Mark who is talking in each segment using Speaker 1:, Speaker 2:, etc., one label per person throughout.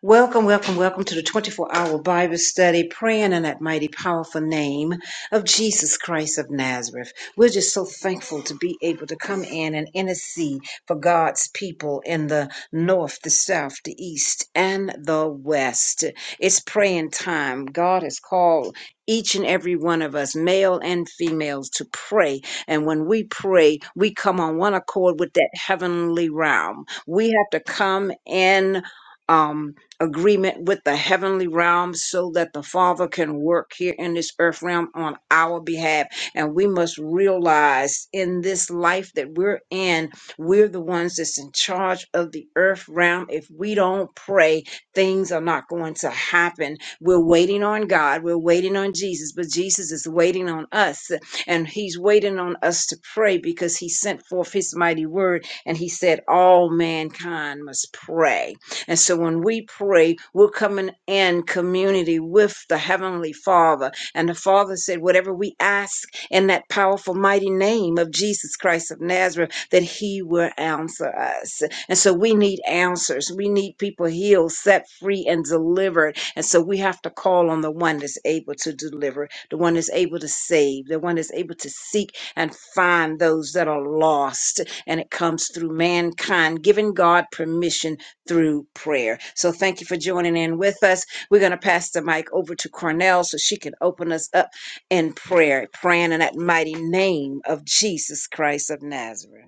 Speaker 1: Welcome, welcome, welcome to the 24 hour Bible study, praying in that mighty, powerful name of Jesus Christ of Nazareth. We're just so thankful to be able to come in and intercede for God's people in the north, the south, the east, and the west. It's praying time. God has called each and every one of us, male and females, to pray. And when we pray, we come on one accord with that heavenly realm. We have to come in. Um, agreement with the heavenly realm so that the Father can work here in this earth realm on our behalf. And we must realize in this life that we're in, we're the ones that's in charge of the earth realm. If we don't pray, things are not going to happen. We're waiting on God, we're waiting on Jesus, but Jesus is waiting on us. And He's waiting on us to pray because He sent forth His mighty word and He said, All mankind must pray and so when we pray, we're coming in community with the Heavenly Father. And the Father said, whatever we ask in that powerful, mighty name of Jesus Christ of Nazareth, that He will answer us. And so we need answers. We need people healed, set free, and delivered. And so we have to call on the one that's able to deliver, the one that's able to save, the one that's able to seek and find those that are lost. And it comes through mankind, giving God permission through prayer. So thank you for joining in with us. We're going to pass the mic over to Cornell so she can open us up in prayer, praying in that mighty name of Jesus Christ of Nazareth.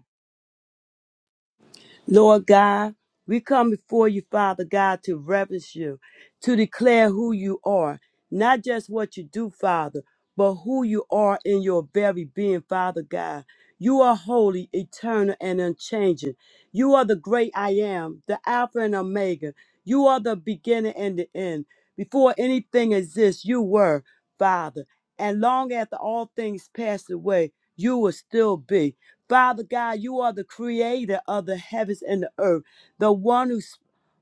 Speaker 2: Lord God, we come before you, Father God, to reverence you, to declare who you are, not just what you do, Father, but who you are in your very being, Father God. You are holy, eternal, and unchanging. You are the great I am, the Alpha and Omega. You are the beginning and the end. Before anything exists, you were, Father. And long after all things passed away, you will still be. Father God, you are the creator of the heavens and the earth, the one who s-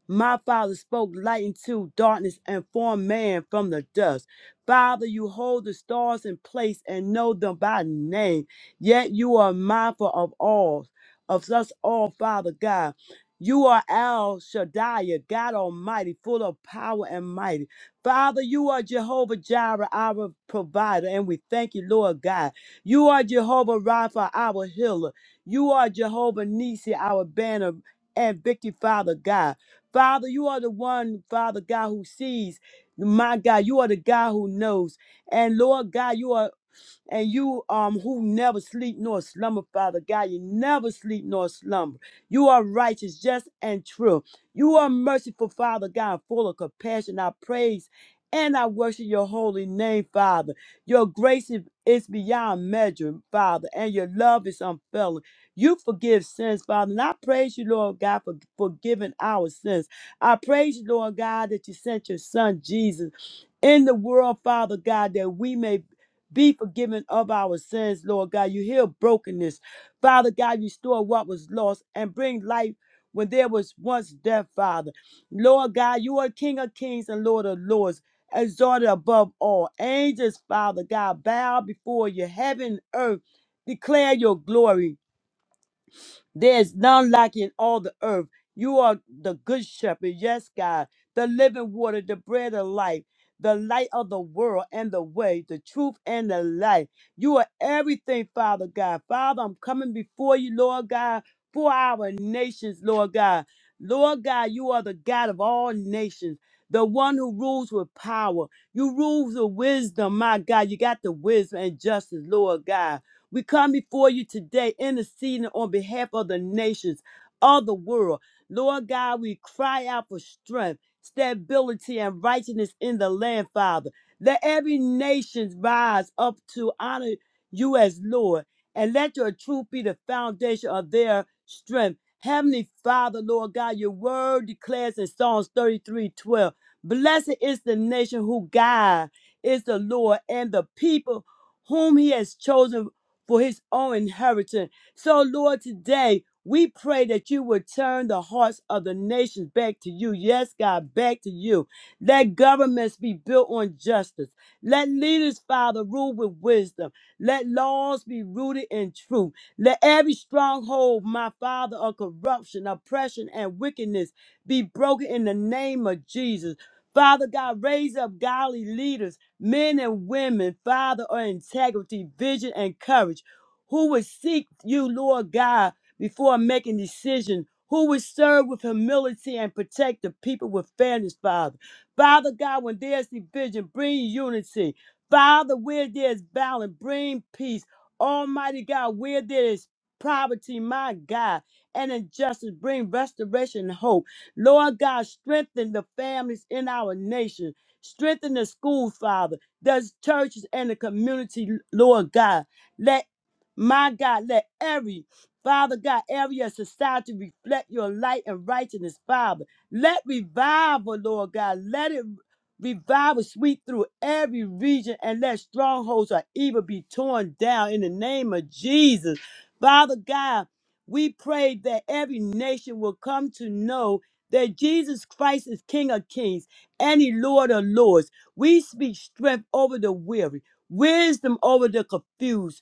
Speaker 2: my father spoke light into darkness and formed man from the dust. Father, you hold the stars in place and know them by name, yet you are mindful of all, of us all, Father God. You are El Shaddai, God Almighty, full of power and mighty. Father, you are Jehovah Jireh, our provider, and we thank you, Lord God. You are Jehovah Rapha, our healer. You are Jehovah Nisi, our banner and victory, Father God. Father, you are the one, Father God, who sees. My God, you are the God who knows. And Lord God, you are and you um who never sleep nor slumber, Father God. You never sleep nor slumber. You are righteous, just and true. You are merciful, Father God, full of compassion. I praise and I worship your holy name, Father. Your grace is is beyond measure, Father, and your love is unfailing. You forgive sins, Father, and I praise you, Lord God, for forgiving our sins. I praise you, Lord God, that you sent your Son Jesus in the world, Father God, that we may be forgiven of our sins, Lord God. You heal brokenness. Father God, restore what was lost and bring life when there was once death, Father. Lord God, you are King of kings and Lord of lords, exalted above all. Angels, Father God, bow before you. Heaven and earth declare your glory. There's none like you in all the earth. You are the good shepherd, yes, God, the living water, the bread of life, the light of the world and the way, the truth and the life. You are everything, Father God. Father, I'm coming before you, Lord God, for our nations, Lord God. Lord God, you are the God of all nations, the one who rules with power. You rule with wisdom, my God. You got the wisdom and justice, Lord God. We come before you today interceding on behalf of the nations of the world. Lord God, we cry out for strength, stability, and righteousness in the land, Father. Let every nation rise up to honor you as Lord, and let your truth be the foundation of their strength. Heavenly Father, Lord God, your word declares in Psalms 33:12, Blessed is the nation who God is the Lord, and the people whom he has chosen for his own inheritance. So, Lord, today we pray that you would turn the hearts of the nations back to you. Yes, God, back to you. Let governments be built on justice. Let leaders, Father, rule with wisdom. Let laws be rooted in truth. Let every stronghold, my Father, of corruption, oppression, and wickedness be broken in the name of Jesus. Father God, raise up godly leaders men and women, Father, of integrity, vision, and courage, who would seek you, Lord God, before making decisions, who would serve with humility and protect the people with fairness, Father. Father God, when there's division, bring unity. Father, where there's balance, bring peace. Almighty God, where there is poverty, my God, and injustice, bring restoration and hope. Lord God, strengthen the families in our nation. Strengthen the school, Father, the churches and the community, Lord God. Let my God, let every Father God, every society reflect your light and righteousness, Father. Let revival, Lord God, let it revival sweep through every region and let strongholds of evil be torn down in the name of Jesus. Father God, we pray that every nation will come to know that Jesus Christ is King of Kings and he Lord of Lords. We speak strength over the weary, wisdom over the confused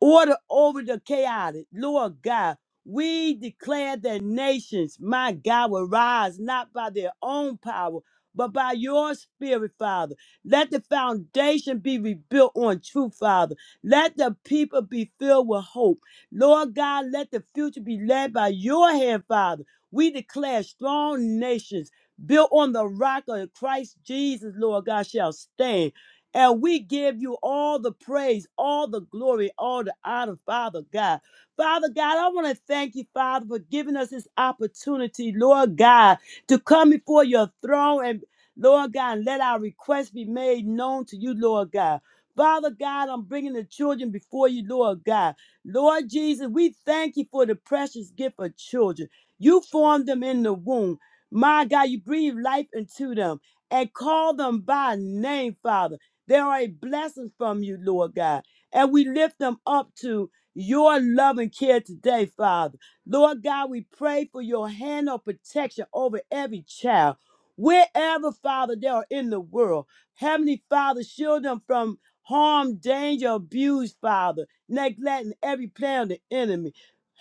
Speaker 2: Order over the chaotic. Lord God, we declare that nations, my God, will rise not by their own power, but by your spirit, Father. Let the foundation be rebuilt on truth, Father. Let the people be filled with hope. Lord God, let the future be led by your hand, Father. We declare strong nations built on the rock of Christ Jesus, Lord God, shall stand. And we give you all the praise, all the glory, all the honor, Father God. Father God, I want to thank you, Father, for giving us this opportunity, Lord God, to come before your throne and, Lord God, let our requests be made known to you, Lord God. Father God, I'm bringing the children before you, Lord God. Lord Jesus, we thank you for the precious gift of children. You formed them in the womb. My God, you breathe life into them and call them by name, Father. They are a blessing from you, Lord God. And we lift them up to your love and care today, Father. Lord God, we pray for your hand of protection over every child. Wherever, Father, they are in the world. Heavenly Father, shield them from harm, danger, abuse, Father, neglecting every plan of the enemy.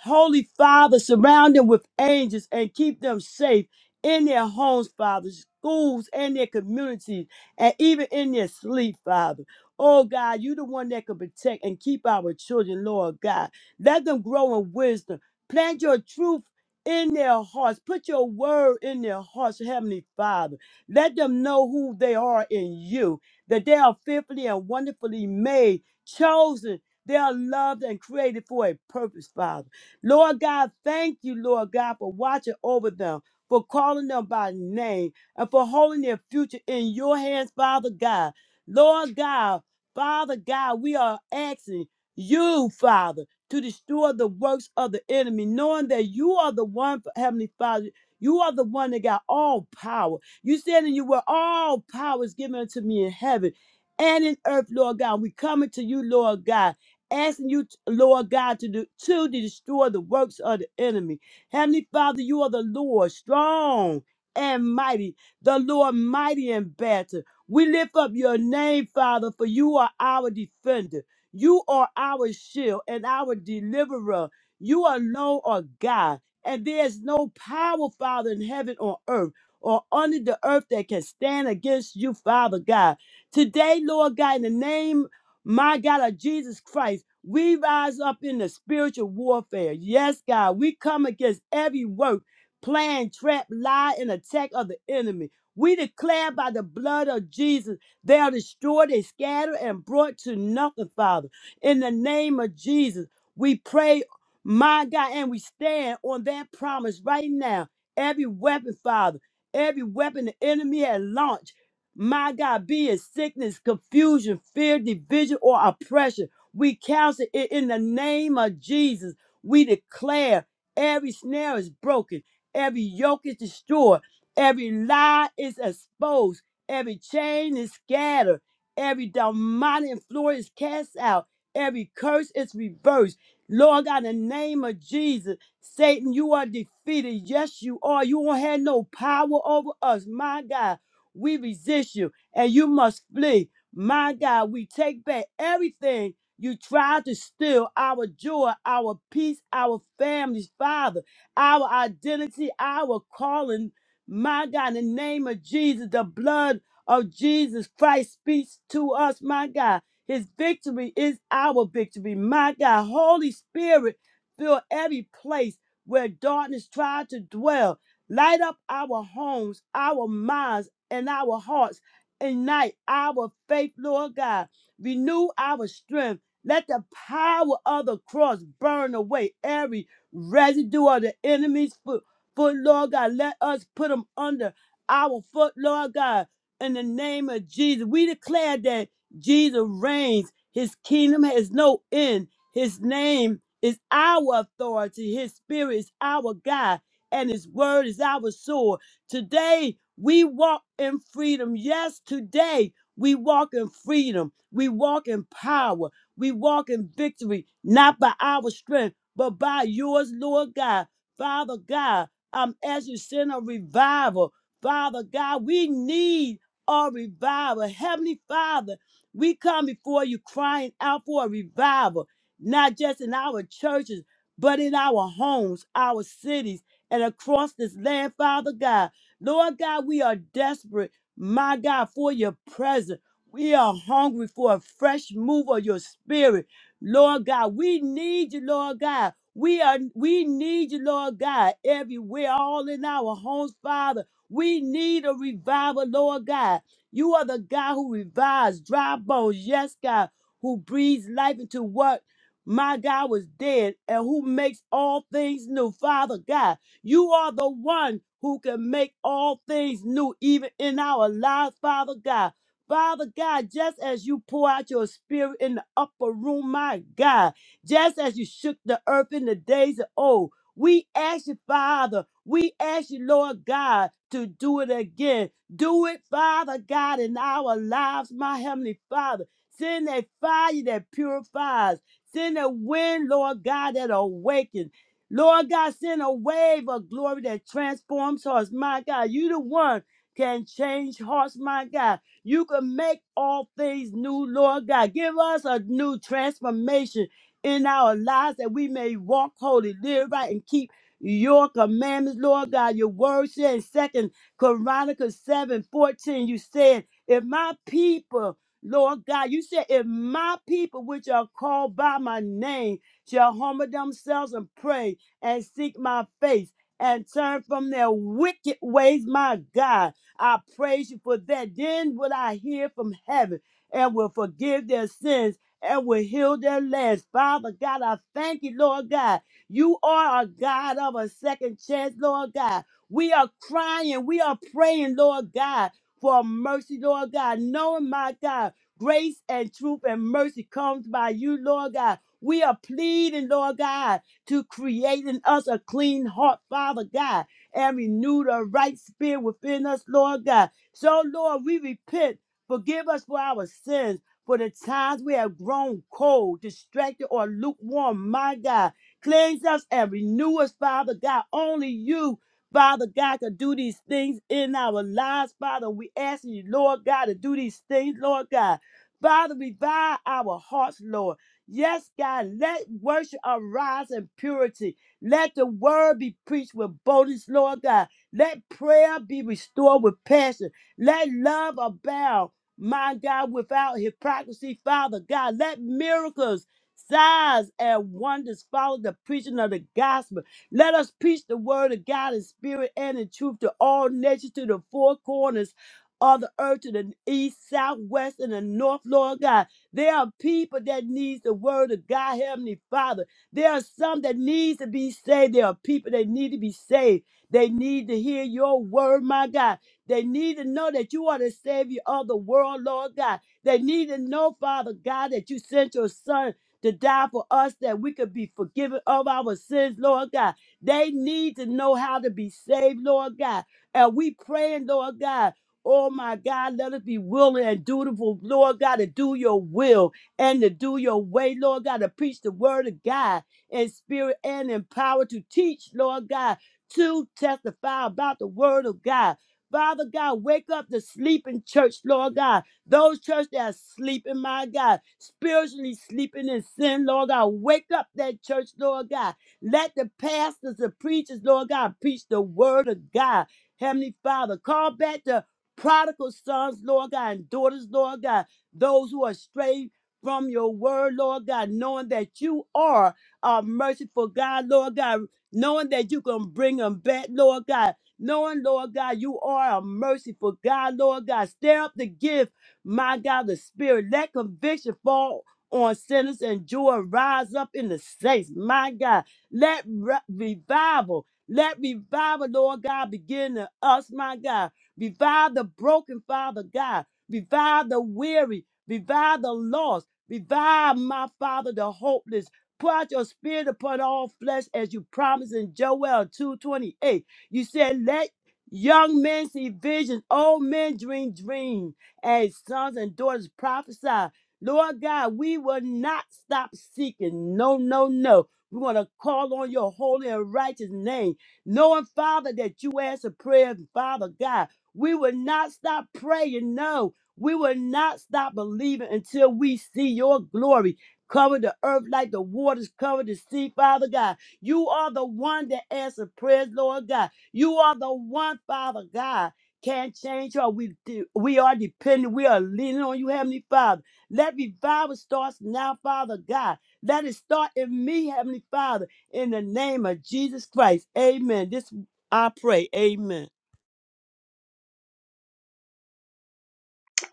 Speaker 2: Holy Father, surround them with angels and keep them safe in their homes, Father, schools, and their communities. And even in their sleep, Father. Oh God, you the one that can protect and keep our children, Lord God. Let them grow in wisdom. Plant your truth in their hearts. Put your word in their hearts, Heavenly Father. Let them know who they are in you, that they are fearfully and wonderfully made, chosen. They are loved and created for a purpose, Father. Lord God, thank you, Lord God, for watching over them, for calling them by name and for holding their future in your hands, Father God. Lord God, Father God, we are asking you, Father, to destroy the works of the enemy, knowing that you are the one, Heavenly Father. You are the one that got all power. You said in you were all power is given unto me in heaven and in earth, Lord God. We coming to you, Lord God, asking you, Lord God, to do, to destroy the works of the enemy. Heavenly Father, you are the Lord, strong and mighty the Lord mighty in battle. We lift up your name, Father, for you are our defender. You are our shield and our deliverer. You alone are God, and there is no power, Father, in heaven or earth or under the earth that can stand against you, Father God. Today, Lord God, in the name, my God, of Jesus Christ, we rise up in the spiritual warfare. Yes, God, we come against every work, plan, trap, lie, and attack of the enemy. We declare by the blood of Jesus, they are destroyed, they scattered, and brought to nothing, Father. In the name of Jesus, we pray, my God, and we stand on that promise right now. Every weapon, Father, every weapon the enemy has launched, my God, be it sickness, confusion, fear, division, or oppression, we counsel it in the name of Jesus. We declare every snare is broken, every yoke is destroyed. Every lie is exposed. Every chain is scattered. Every demonic influence is cast out. Every curse is reversed. Lord God, in the name of Jesus, Satan, you are defeated. Yes, you are. You won't have no power over us. My God, we resist you and you must flee. My God, we take back everything you tried to steal our joy, our peace, our families, Father, our identity, our calling. My God, in the name of Jesus, the blood of Jesus Christ speaks to us, my God. His victory is our victory, my God. Holy Spirit, fill every place where darkness tried to dwell. Light up our homes, our minds, and our hearts. Ignite our faith, Lord God. Renew our strength. Let the power of the cross burn away every residue of the enemy's foot foot, Lord God. Let us put them under our foot, Lord God. In the name of Jesus, we declare that Jesus reigns. His kingdom has no end. His name is our authority. His spirit is our guide, and His word is our sword. Today, we walk in freedom. Yes, today, we walk in freedom. We walk in power. We walk in victory, not by our strength, but by yours, Lord God. Father God, um, as you to send a revival. Father God, we need a revival. Heavenly Father, we come before you crying out for a revival, not just in our churches, but in our homes, our cities, and across this land, Father God. Lord God, we are desperate, my God, for your presence. We are hungry for a fresh move of your spirit. Lord God, we need you, Lord God. We are we need you, Lord God, everywhere, all in our homes, Father. We need a revival, Lord God. You are the God who revives dry bones, yes, God, who breathes life into what my God was dead and who makes all things new. Father God, you are the one who can make all things new, even in our lives, Father God. Father God, just as you pour out your spirit in the upper room, my God just as you shook the earth in the days of old. We ask you, Father, we ask you, Lord God, to do it again. Do it, Father God, in our lives, my Heavenly Father. Send that fire that purifies. Send a wind, Lord God, that awakens. Lord God, send a wave of glory that transforms hearts. My God, you the one can change hearts, my God. You can make all things new, Lord God. Give us a new transformation in our lives that we may walk holy, live right, and keep your commandments, Lord God. Your word said in Second Chronicles 7 14, you said, If my people, Lord God, you said, If my people which are called by my name shall humble themselves and pray and seek my face and turn from their wicked ways, my God, I praise you for that. Then will I hear from heaven and will forgive their sins and will heal their lands. Father God, I thank you, Lord God. You are a God of a second chance, Lord God. We are crying, we are praying, Lord God, for mercy, Lord God, knowing, my God, grace and truth and mercy comes by you, Lord God. We are pleading, Lord God, to create in us a clean heart, Father God, and renew the right spirit within us, Lord God. So, Lord, we repent. Forgive us for our sins for the times we have grown cold, distracted, or lukewarm, my God, cleanse us and renew us, Father God. Only you, Father God, can do these things in our lives, Father. We ask you, Lord God, to do these things, Lord God. Father, revive our hearts, Lord. Yes, God, let worship arise in purity. Let the word be preached with boldness, Lord God. Let prayer be restored with passion. Let love abound my God, without hypocrisy, Father God. Let miracles, signs, and wonders follow the preaching of the gospel. Let us preach the word of God in spirit and in truth to all nations, to the four corners of the earth, to the east, south, west, and the north, Lord God. There are people that needs the word of God, Heavenly Father. There are some that needs to be saved. There are people that need to be saved. They need to hear your word, my God. They need to know that you are the Savior of the world, Lord God. They need to know, Father God, that you sent your Son to die for us that we could be forgiven of our sins, Lord God. They need to know how to be saved, Lord God. And we praying, Lord God. Oh my God, let us be willing and dutiful, Lord God, to do your will and to do your way, Lord God, to preach the word of God in spirit and in power to teach, Lord God, to testify about the word of God. Father God, wake up the sleeping church, Lord God. Those church that are sleeping, my God, spiritually sleeping in sin, Lord God. Wake up that church, Lord God. Let the pastors, the preachers, Lord God, preach the word of God. Heavenly Father, call back the prodigal sons, Lord God, and daughters, Lord God. Those who are strayed from your word, Lord God, knowing that you are a merciful God, Lord God, knowing that you can bring them back, Lord God knowing, Lord God, you are a merciful God, Lord God. Stir up the gift, my God, the spirit. Let conviction fall on sinners and joy rise up in the saints, my God. Let re- revival, let revival, Lord God, begin in us, my God. Revive the broken, Father God. Revive the weary. Revive the lost. Revive, my Father, the hopeless. Pour out your spirit upon all flesh as you promised in Joel 2.28. You said, let young men see visions, old men dream dreams, and sons and daughters prophesy. Lord God, we will not stop seeking. No, no, no. We want to call on your holy and righteous name, knowing, Father, that you answer prayers, Father God. We will not stop praying. No, we will not stop believing until we see your glory. Cover the earth like the waters cover the sea, Father God. You are the one that answers prayers, Lord God. You are the one, Father God. Can't change her. We de- we are dependent. We are leaning on you, Heavenly Father. Let revival starts now, Father God. Let it start in me, Heavenly Father, in the name of Jesus Christ. Amen. This I pray. Amen.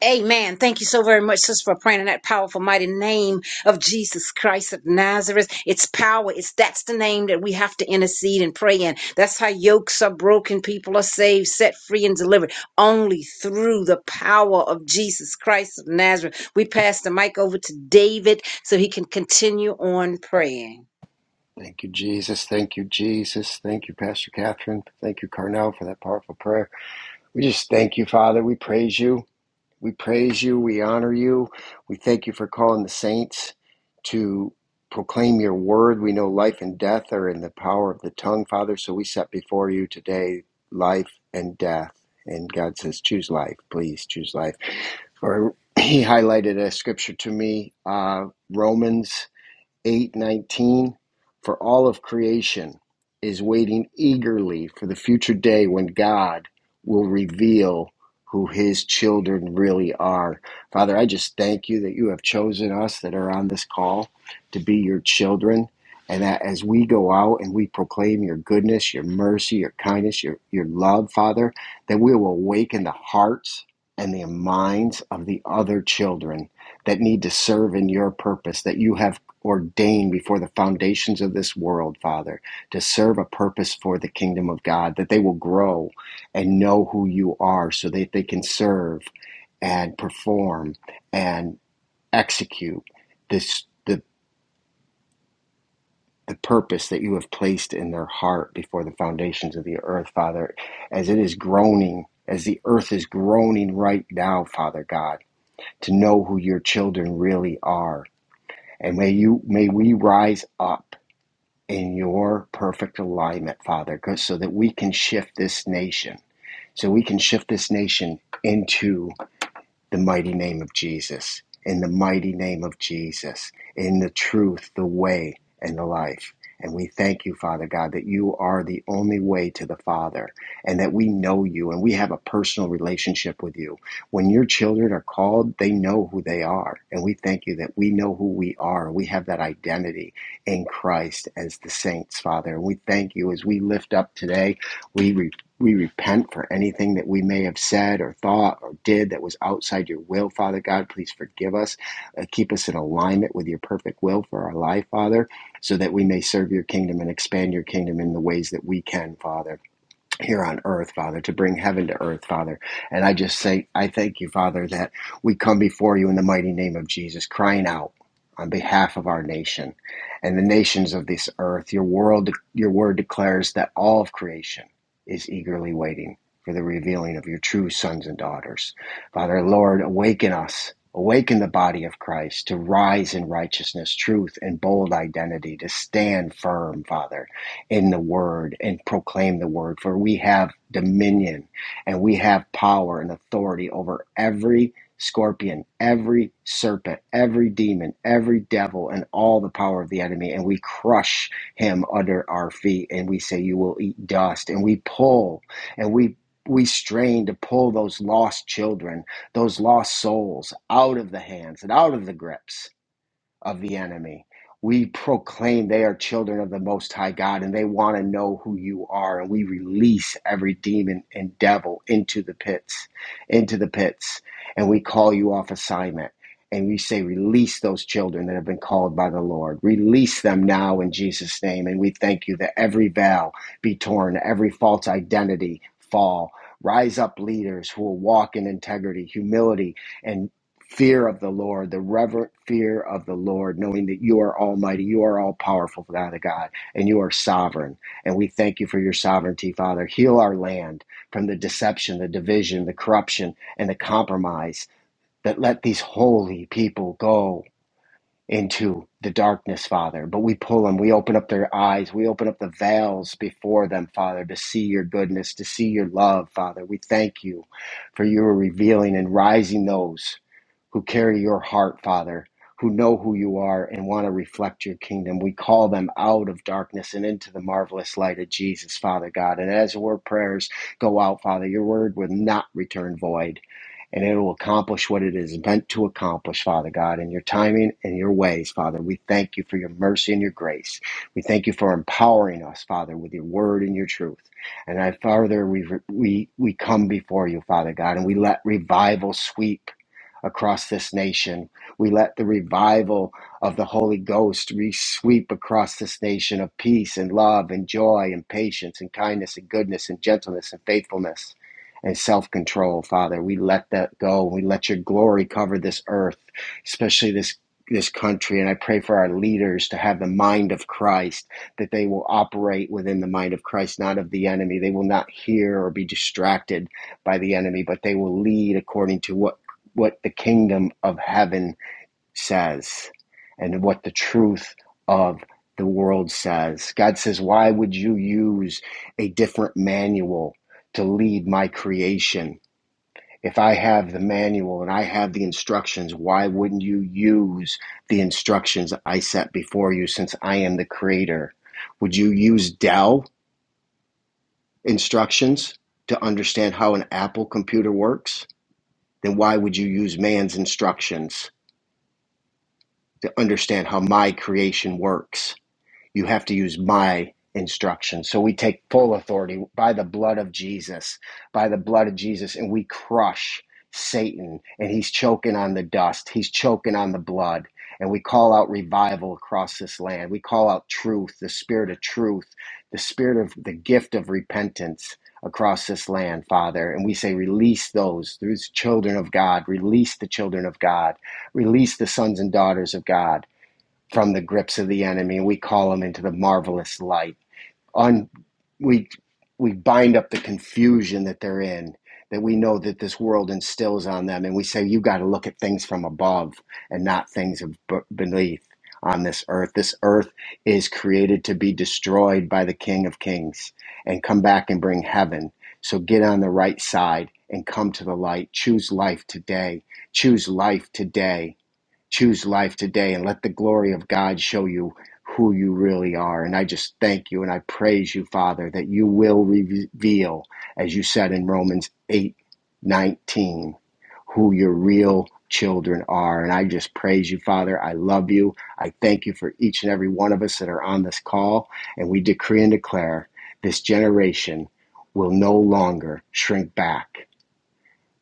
Speaker 1: Amen. Thank you so very much, sister, for praying in that powerful, mighty name of Jesus Christ of Nazareth. It's power. It's that's the name that we have to intercede and pray in. That's how yokes are broken, people are saved, set free, and delivered only through the power of Jesus Christ of Nazareth. We pass the mic over to David so he can continue on praying.
Speaker 3: Thank you, Jesus. Thank you, Jesus. Thank you, Pastor Catherine. Thank you, Carnell, for that powerful prayer. We just thank you, Father. We praise you. We praise you. We honor you. We thank you for calling the saints to proclaim your word. We know life and death are in the power of the tongue, Father. So we set before you today life and death. And God says, choose life. Please choose life. Or he highlighted a scripture to me, uh, Romans 8:19 for all of creation is waiting eagerly for the future day when God will reveal who his children really are. Father, I just thank you that you have chosen us that are on this call to be your children and that as we go out and we proclaim your goodness, your mercy, your kindness, your your love, Father, that we will awaken the hearts and the minds of the other children that need to serve in your purpose that you have ordained before the foundations of this world, Father, to serve a purpose for the kingdom of God, that they will grow and know who you are so that they can serve and perform and execute this the the purpose that you have placed in their heart before the foundations of the earth, Father, as it is groaning, as the earth is groaning right now, Father God, to know who your children really are. And may you may we rise up in your perfect alignment, Father, so that we can shift this nation, so we can shift this nation into the mighty name of Jesus, in the mighty name of Jesus, in the truth, the way, and the life. And we thank you, Father God, that you are the only way to the Father and that we know you and we have a personal relationship with you. When your children are called, they know who they are. And we thank you that we know who we are. We have that identity in Christ as the saints, Father. And we thank you as we lift up today. We. We repent for anything that we may have said or thought or did that was outside your will, Father God. Please forgive us. Uh, keep us in alignment with your perfect will for our life, Father, so that we may serve your kingdom and expand your kingdom in the ways that we can, Father here on earth, Father, to bring heaven to earth, Father. And I just say, I thank you, Father, that we come before you in the mighty name of Jesus, crying out on behalf of our nation and the nations of this earth. Your world, your word declares that all of creation is eagerly waiting for the revealing of your true sons and daughters. Father, Lord, awaken us. Awaken the body of Christ to rise in righteousness, truth, and bold identity, to stand firm, Father in the word and proclaim the word. For we have dominion and we have power and authority over every scorpion, every serpent, every demon, every devil, and all the power of the enemy. And we crush him under our feet and we say, You will eat dust. And we pull and we we strain to pull those lost children, those lost souls out of the hands and out of the grips of the enemy. We proclaim they are children of the Most High God and they want to know who you are. And we release every demon and devil into the pits, into the pits. And we call you off assignment. And we say, release those children that have been called by the Lord. Release them now in Jesus' name. And we thank you that every veil be torn, every false identity fall. Rise up leaders who will walk in integrity, humility, and fear of the Lord, the reverent fear of the Lord, knowing that you are almighty, you are all powerful, Father God, and you are sovereign. And we thank you for your sovereignty, Father. Heal our land from the deception, the division, the corruption, and the compromise that let these holy people go into the darkness, Father. But we pull them, we open up their eyes, we open up the veils before them, Father, to see your goodness, to see your love, Father. We thank you for your revealing and rising those who carry your heart, Father, who know who you are and want to reflect your kingdom. We call them out of darkness and into the marvelous light of Jesus, Father God. And as our prayers go out, Father, your word will not return void and it will accomplish what it is meant to accomplish, Father God, in your timing and your ways, Father. We thank you for your mercy and your grace. We thank you for empowering us, Father, with your word and your truth. And I, Father, we, we, we come before you, Father God, and we let revival sweep across this nation. We let the revival of the Holy Ghost sweep across this nation of peace and love and joy and patience and kindness and goodness and gentleness and faithfulness and self control, Father. We let that go. We let your glory cover this earth, especially this. This country, and I pray for our leaders to have the mind of Christ, that they will operate within the mind of Christ, not of the enemy. They will not hear or be distracted by the enemy, but they will lead according to what what the kingdom of heaven says and what the truth of the world says. God says, Why would you use a different manual to lead my creation? If I have the manual and I have the instructions, why wouldn't you use the instructions I set before you since I am the creator? Would you use Dell instructions to understand how an Apple computer works? Then why would you use man's instructions? to understand how my creation works you have to use my instruction. So we take full authority by the blood of Jesus, by the blood of Jesus, and we crush Satan. And he's choking on the dust, he's choking on the blood. And we call out revival across this land. We call out truth, the spirit of truth, the spirit of the gift of repentance across this land, Father. And we say, release those, those children of God, release the children of God, release the sons and daughters of God from the grips of the enemy. We call them into the marvelous light. On we we bind up the confusion that they're in, that we know that this world instills on them, and we say you got to look at things from above and not things of b- beneath on this earth. This earth is created to be destroyed by the King of Kings and come back and bring heaven. So get on the right side and come to the light. Choose life today. Choose life today Choose life today and let the glory of God show you who you really are. And I just thank you and I praise you, Father, that you will reveal, as you said in Romans 8:19, who your real children are. And I just praise you, Father. I love you. I thank you for each and every one of us that are on this call. And we decree and declare this generation will no longer shrink back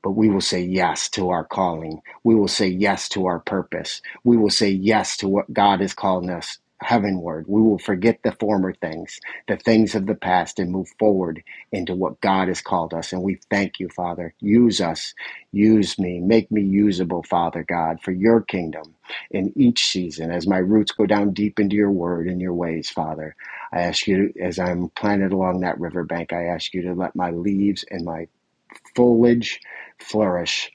Speaker 3: but we will say yes to our calling. We will say yes to our purpose. We will say yes to what God is calling us heavenward. We will forget the former things, the things of the past, and move forward into what God has called us. And we thank you, Father. Use us. Use me. Make me usable, Father God, for your kingdom in each season. As my roots go down deep into your word and your ways, Father, I ask you, as I'm planted along that riverbank, I ask you to let my leaves and my foliage flourish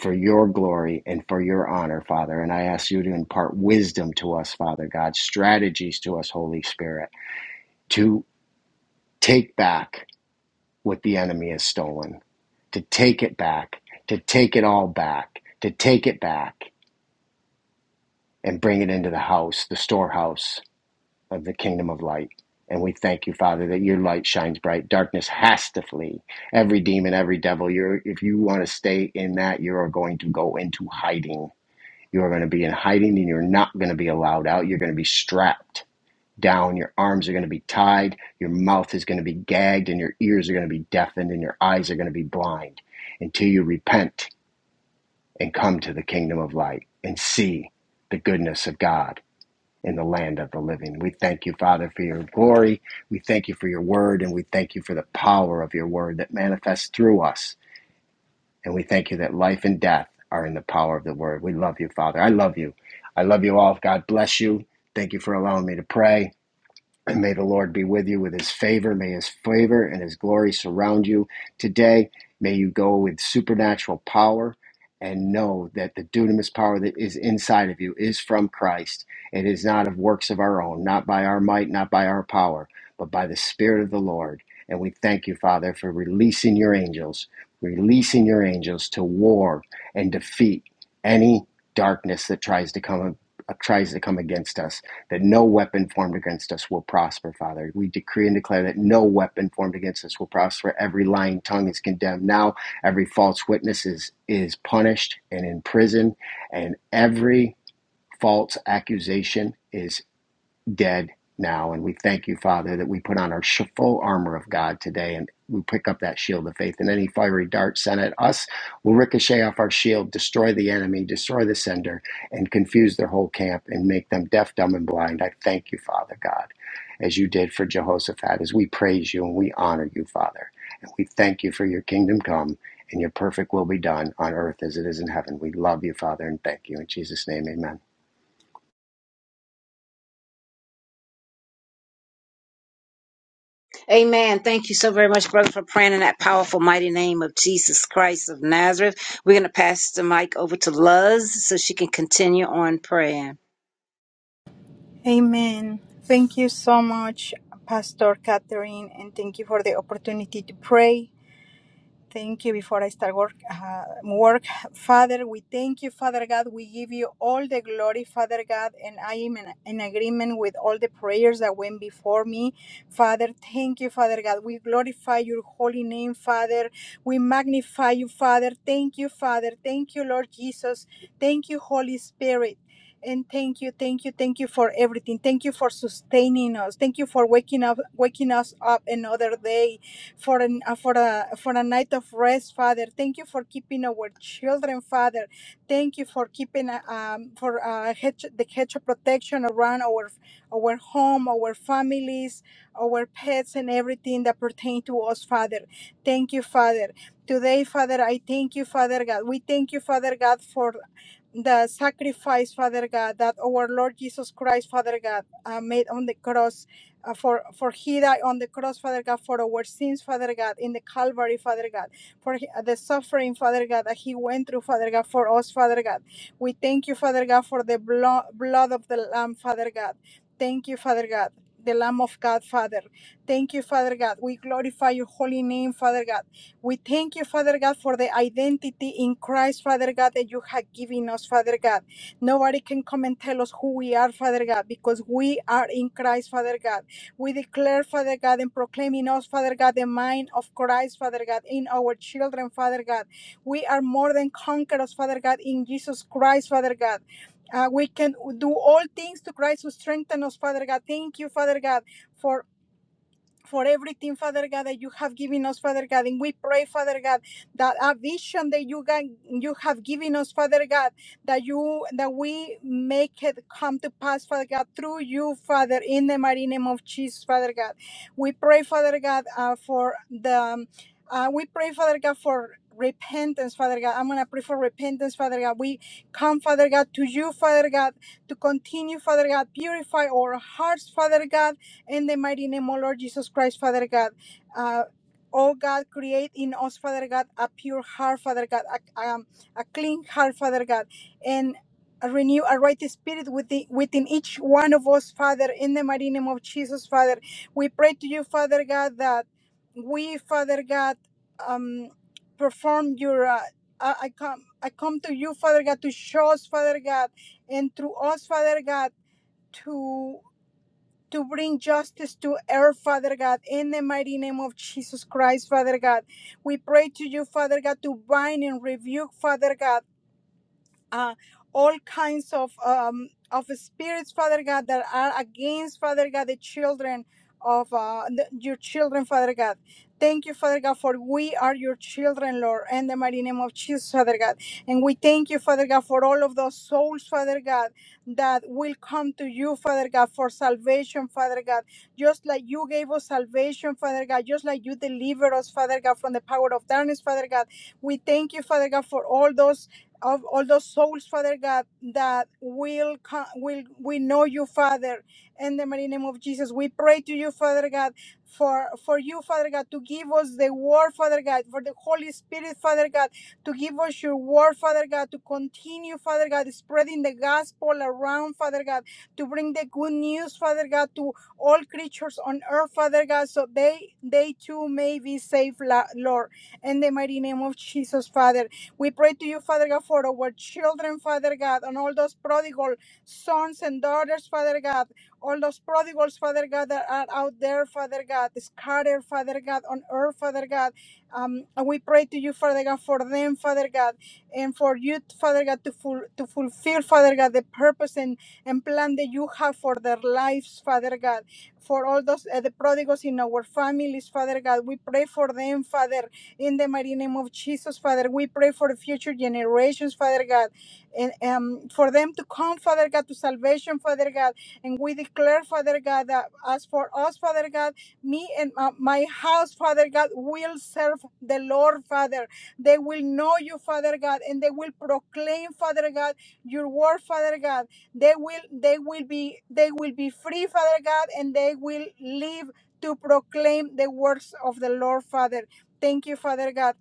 Speaker 3: for your glory and for your honor, Father. And I ask you to impart wisdom to us, Father God, strategies to us, Holy Spirit, to take back what the enemy has stolen, to take it back, to take it all back, to take it back and bring it into the house, the storehouse of the kingdom of light. And we thank you, Father, that your light shines bright. Darkness has to flee. Every demon, every devil, you're, if you want to stay in that, you are going to go into hiding. You are going to be in hiding and you're not going to be allowed out. You're going to be strapped down. Your arms are going to be tied. Your mouth is going to be gagged and your ears are going to be deafened and your eyes are going to be blind until you repent and come to the kingdom of light and see the goodness of God in the land of the living. We thank you, Father, for your glory. We thank you for your word, and we thank you for the power of your word that manifests through us. And we thank you that life and death are in the power of the word. We love you, Father. I love you. I love you all. God bless you. Thank you for allowing me to pray. And may the Lord be with you with his favor. May his favor and his glory surround you today. May you go with supernatural power and know that the dunamis power that is inside of you is from Christ. It is not of works of our own, not by our might, not by our power, but by the Spirit of the Lord. And we thank you, Father, for releasing your angels, releasing your angels to war and defeat any darkness that tries to come tries to come against us that no weapon formed against us will prosper, Father. We decree and declare that no weapon formed against us will prosper. Every lying tongue is condemned now. Every false witness is, is punished and in prison, and every false accusation is dead now. And we thank you, Father, that we put on our full armor of God today and we pick up that shield of faith. And any fiery dart sent at us will ricochet off our shield, destroy the enemy, destroy the sender, and confuse their whole camp and make them deaf, dumb, and blind. I thank you, Father God, as you did for Jehoshaphat, as we praise you and we honor you, Father. And we thank you for your kingdom come and your perfect will be done on earth as it is in heaven. We love you, Father, and thank you. In Jesus' name, amen.
Speaker 1: Amen. Thank you so very much, brother, for praying in that powerful, mighty name of Jesus Christ of Nazareth. We're going to pass the mic over to Luz so she can continue on praying.
Speaker 4: Amen. Thank you so much, Pastor Catherine, and thank you for the opportunity to pray. Thank you before I start work. Uh, work, Father, we thank you, Father God. We give you all the glory, Father God, and I am in, in agreement with all the prayers that went before me. Father, thank you, Father God. We glorify your holy name, Father. We magnify you, Father. Thank you, Father. Thank you, Lord Jesus. Thank you, Holy Spirit. And thank you, thank you, thank you for everything. Thank you for sustaining us. Thank you for waking up, waking us up another day for an uh, for a for a night of rest, Father. Thank you for keeping our children, Father. Thank you for keeping uh, um for uh, hedge, the hedge of protection around our our home, our families, our pets, and everything that pertain to us, Father. Thank you, Father. Today, Father, I thank you, Father God. We thank you, Father God, for the sacrifice, Father God, that our Lord Jesus Christ, Father God, uh, made on the cross. Uh, for for he died on the cross, Father God, for our sins, Father God, in the Calvary, Father God, for he- uh, the suffering, Father God, that he went through, Father God, for us, Father God. We thank you, Father God, for the blood blood of the Lamb, Father God. Thank you, Father God. The Lamb of God, Father. Thank you, Father God. We glorify your holy name, Father God. We thank you, Father God, for the identity in Christ, Father God, that you have given us, Father God. Nobody can come and tell us who we are, Father God, because we are in Christ, Father God. We declare, Father God, and proclaim in us, Father God, the mind of Christ, Father God, in our children, Father God. We are more than conquerors, Father God, in Jesus Christ, Father God. Uh, we can do all things to Christ who strengthens us, Father God. Thank you, Father God, for for everything, Father God, that you have given us, Father God. And we pray, Father God, that a vision that you can, you have given us, Father God, that you that we make it come to pass, Father God, through you, Father, in the mighty name of Jesus, Father God. We pray, Father God, uh, for the um, uh, we pray, Father God, for repentance father god i'm gonna pray for repentance father god we come father god to you father god to continue father god purify our hearts father god in the mighty name, O Lord Jesus Christ, Father God. Uh, Oh God, create in us, Father God, a pure heart, Father God, a, um, a clean heart, Father God, and renew a right spirit within, within each one of us, Father, in the mighty name of Jesus, Father. We pray to you, Father God, that we, Father God, um, perform your. Uh, I, I come, I come to you, Father God, to show us, Father God, and through us, Father God, to to bring justice to earth, Father God, in the mighty name of Jesus Christ, Father God. We pray to you, Father God, to bind and rebuke, Father God uh, all kinds of um, of spirits, Father God, that are against, Father God, the children of uh, the, your children, Father God. Thank you, Father God, for we are your children, Lord, in the mighty name of Jesus, Father God. And we thank you, Father God, for all of those souls, Father God, that will come to you, Father God, for salvation, Father God. Just like you gave us salvation, Father God, just like you delivered us, Father God, from the power of darkness, Father God. We thank you, Father God, for all those of all those souls, Father God, that will come, will we know you, Father, in the mighty name of Jesus. We pray to you, Father God, for for you, Father God, to give us the word, Father God, for the Holy Spirit, Father God, to give us your word, Father God, to continue, Father God, spreading the gospel around, Father God, to bring the good news, Father God, to all creatures on earth, Father God, so they they too may be saved, La- Lord, in the mighty name of Jesus, Father. We pray to you, Father God, for our children, Father God, and all those prodigal sons and daughters, Father God, all those prodigals, Father God, that are out there, Father God, scattered, Father God, on earth, Father God. Um, and we pray to you, Father God, for them, Father God, and for you, Father God, to, ful- to fulfill, Father God, the purpose and, and plan that you have for their lives, Father God. For all those uh, the prodigals in our families, Father God, we pray for them, Father. In the mighty name of Jesus, Father, we pray for the future generations, Father God, and um, for them to come, Father God, to salvation, Father God. And we declare, Father God, that as for us, Father God, me and uh, my house, Father God, will serve the Lord, Father. They will know you, Father God, and they will proclaim, Father God, your word, Father God. They will, they will be, they will be free, Father God, and they will live to proclaim the works of the Lord, Father. Thank you, Father God.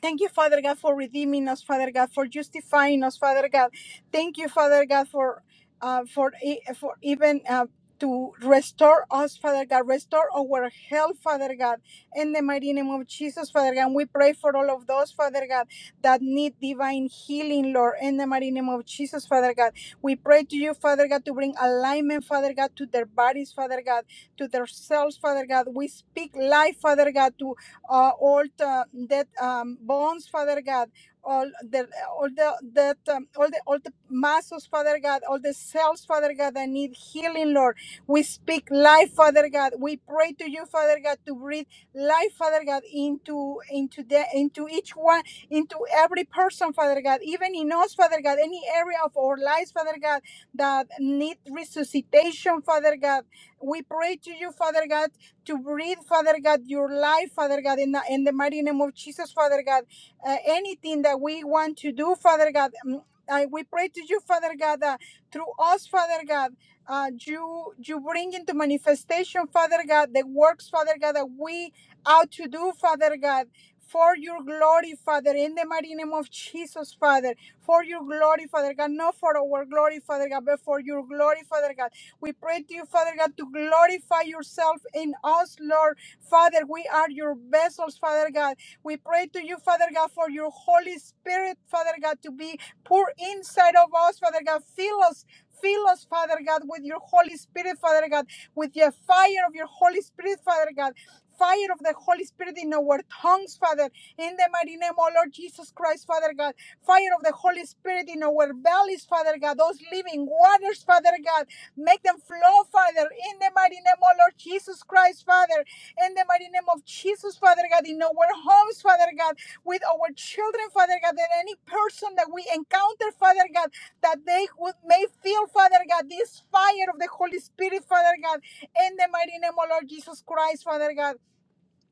Speaker 4: Thank you, Father God, for redeeming us, Father God, for justifying us, Father God. Thank you, Father God, for uh, for e- for even uh, to restore us, Father God, restore our health, Father God, in the mighty name of Jesus, Father God. And we pray for all of those, Father God, that need divine healing, Lord, in the mighty name of Jesus, Father God. We pray to you, Father God, to bring alignment, Father God, to their bodies, Father God, to their cells, Father God. We speak life, Father God, to uh, all the, that um, bones, Father God, all the all the that um, all the all the muscles, Father God, all the cells, Father God, that need healing, Lord. We speak life, Father God. We pray to you, Father God, to breathe life, Father God, into into the into each one, into every person, Father God, even in us, Father God, any area of our lives, Father God, that need resuscitation, Father God. We pray to you, Father God to breathe, Father God, your life, Father God, in the, in the mighty name of Jesus, Father God. Uh, anything that we want to do, Father God, mm, I, we pray to you, Father God, that through us, Father God, uh, you you bring into manifestation, Father God, the works, Father God, that we ought to do, Father God. For your glory, Father, in the mighty name of Jesus, Father, for your glory, Father God, not for our glory, Father God, but for your glory, Father God. We pray to you, Father God, to glorify yourself in us, Lord. Father, we are your vessels, Father God. We pray to you, Father God, for your Holy Spirit, Father God, to be poured inside of us, Father God. Fill us. Fill us, Father God, with your Holy Spirit, Father God, with the fire of your Holy Spirit, Father God, fire of the Holy Spirit in our tongues, Father, in the mighty name, O Lord Jesus Christ, Father God, fire of the Holy Spirit in our bellies, Father God, those living waters, Father God. Make them flow, Father, in the mighty name of Lord Jesus Christ, Father, in the mighty name of Jesus, Father God, in our homes, Father God, with our children, Father God, and any person that we encounter, Father God, that they would may feel, Father God, this fire of the Holy Spirit, Father God, in the mighty name of Lord Jesus Christ, Father God.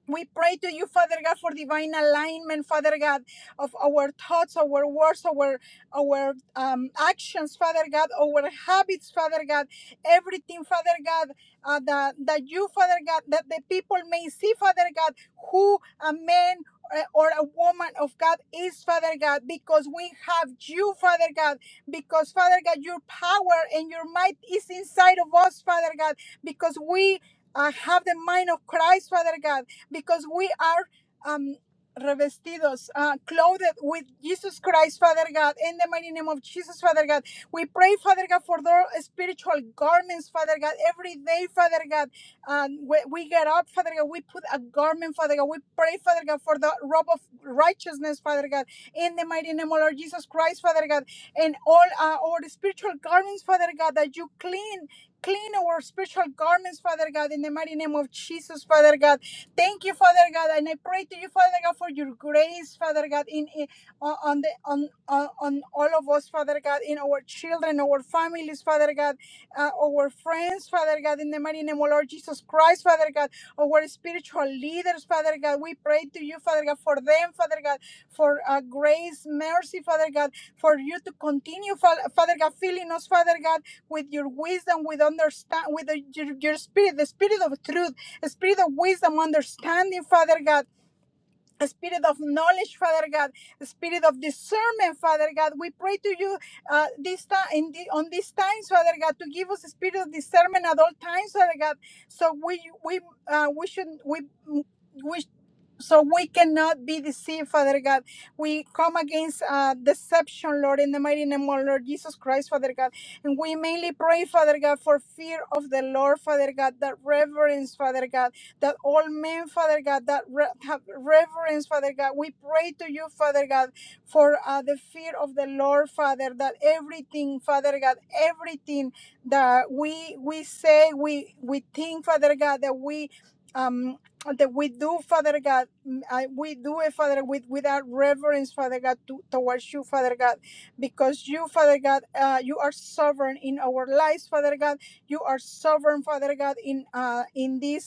Speaker 4: We pray to you, Father God, for divine alignment, Father God, of our thoughts, our words, our our um, actions, Father God, our habits, Father God, everything, Father God, uh, that that you, Father God, that the people may see, Father God, who a man uh, or a woman of God is, Father God, because we have you, Father God, because Father God, your power and your might is inside of us, Father God, because we. uh, have the mind of Christ, Father God because we are um, revestidos, uh, clothed with Jesus Christ, Father God, in the mighty name of Jesus, Father God. We pray, Father God, for their spiritual garments, Father God, every day, Father God. Um, we, we get up, Father God, we put a garment, Father God. We pray, Father God, for the robe of righteousness, Father God, in the mighty name of Lord Jesus Christ, Father God, and all uh, our spiritual garments, Father God, that you clean. Clean our spiritual garments, Father God, in the mighty name of Jesus, Father God. Thank you, Father God, and I pray to you, Father God, for your grace, Father God, in, in on on the on, on on all of us, Father God, in our children, our families, Father God uh, our friends, Father God, in the mighty name, O Lord Jesus Christ, Father God, our spiritual leaders, Father God. We pray to you, Father God, for them, Father God, for uh, grace, mercy, Father God, for you to continue, Fa- Father God, filling us, Father God, with your wisdom, with understand, with the, your, your spirit, the spirit of truth, the spirit of wisdom, understanding, Father God a spirit of knowledge, Father God, a spirit of discernment, Father God. We pray to you uh, this time in the, on these times, Father God, to give us a spirit of discernment at all times, Father God. So we we uh, we should we we. So we cannot be deceived, Father God. We come against uh, deception, Lord, in the mighty name of Lord Jesus Christ, Father God. And we mainly pray, Father God, for fear of the Lord, Father God, that reverence, Father God that all men, Father God, that re- have reverence, Father God. We pray to you, Father God, for uh, the fear of the Lord, Father, that everything, Father God, everything that we we say, we we think, Father God, that we um that we do, Father God, mm, I, we do it, Father, with without reverence, Father God, to, towards you, Father God, because you, Father God, uh, you are sovereign in our lives, Father God. You are sovereign, Father God, in uh, in this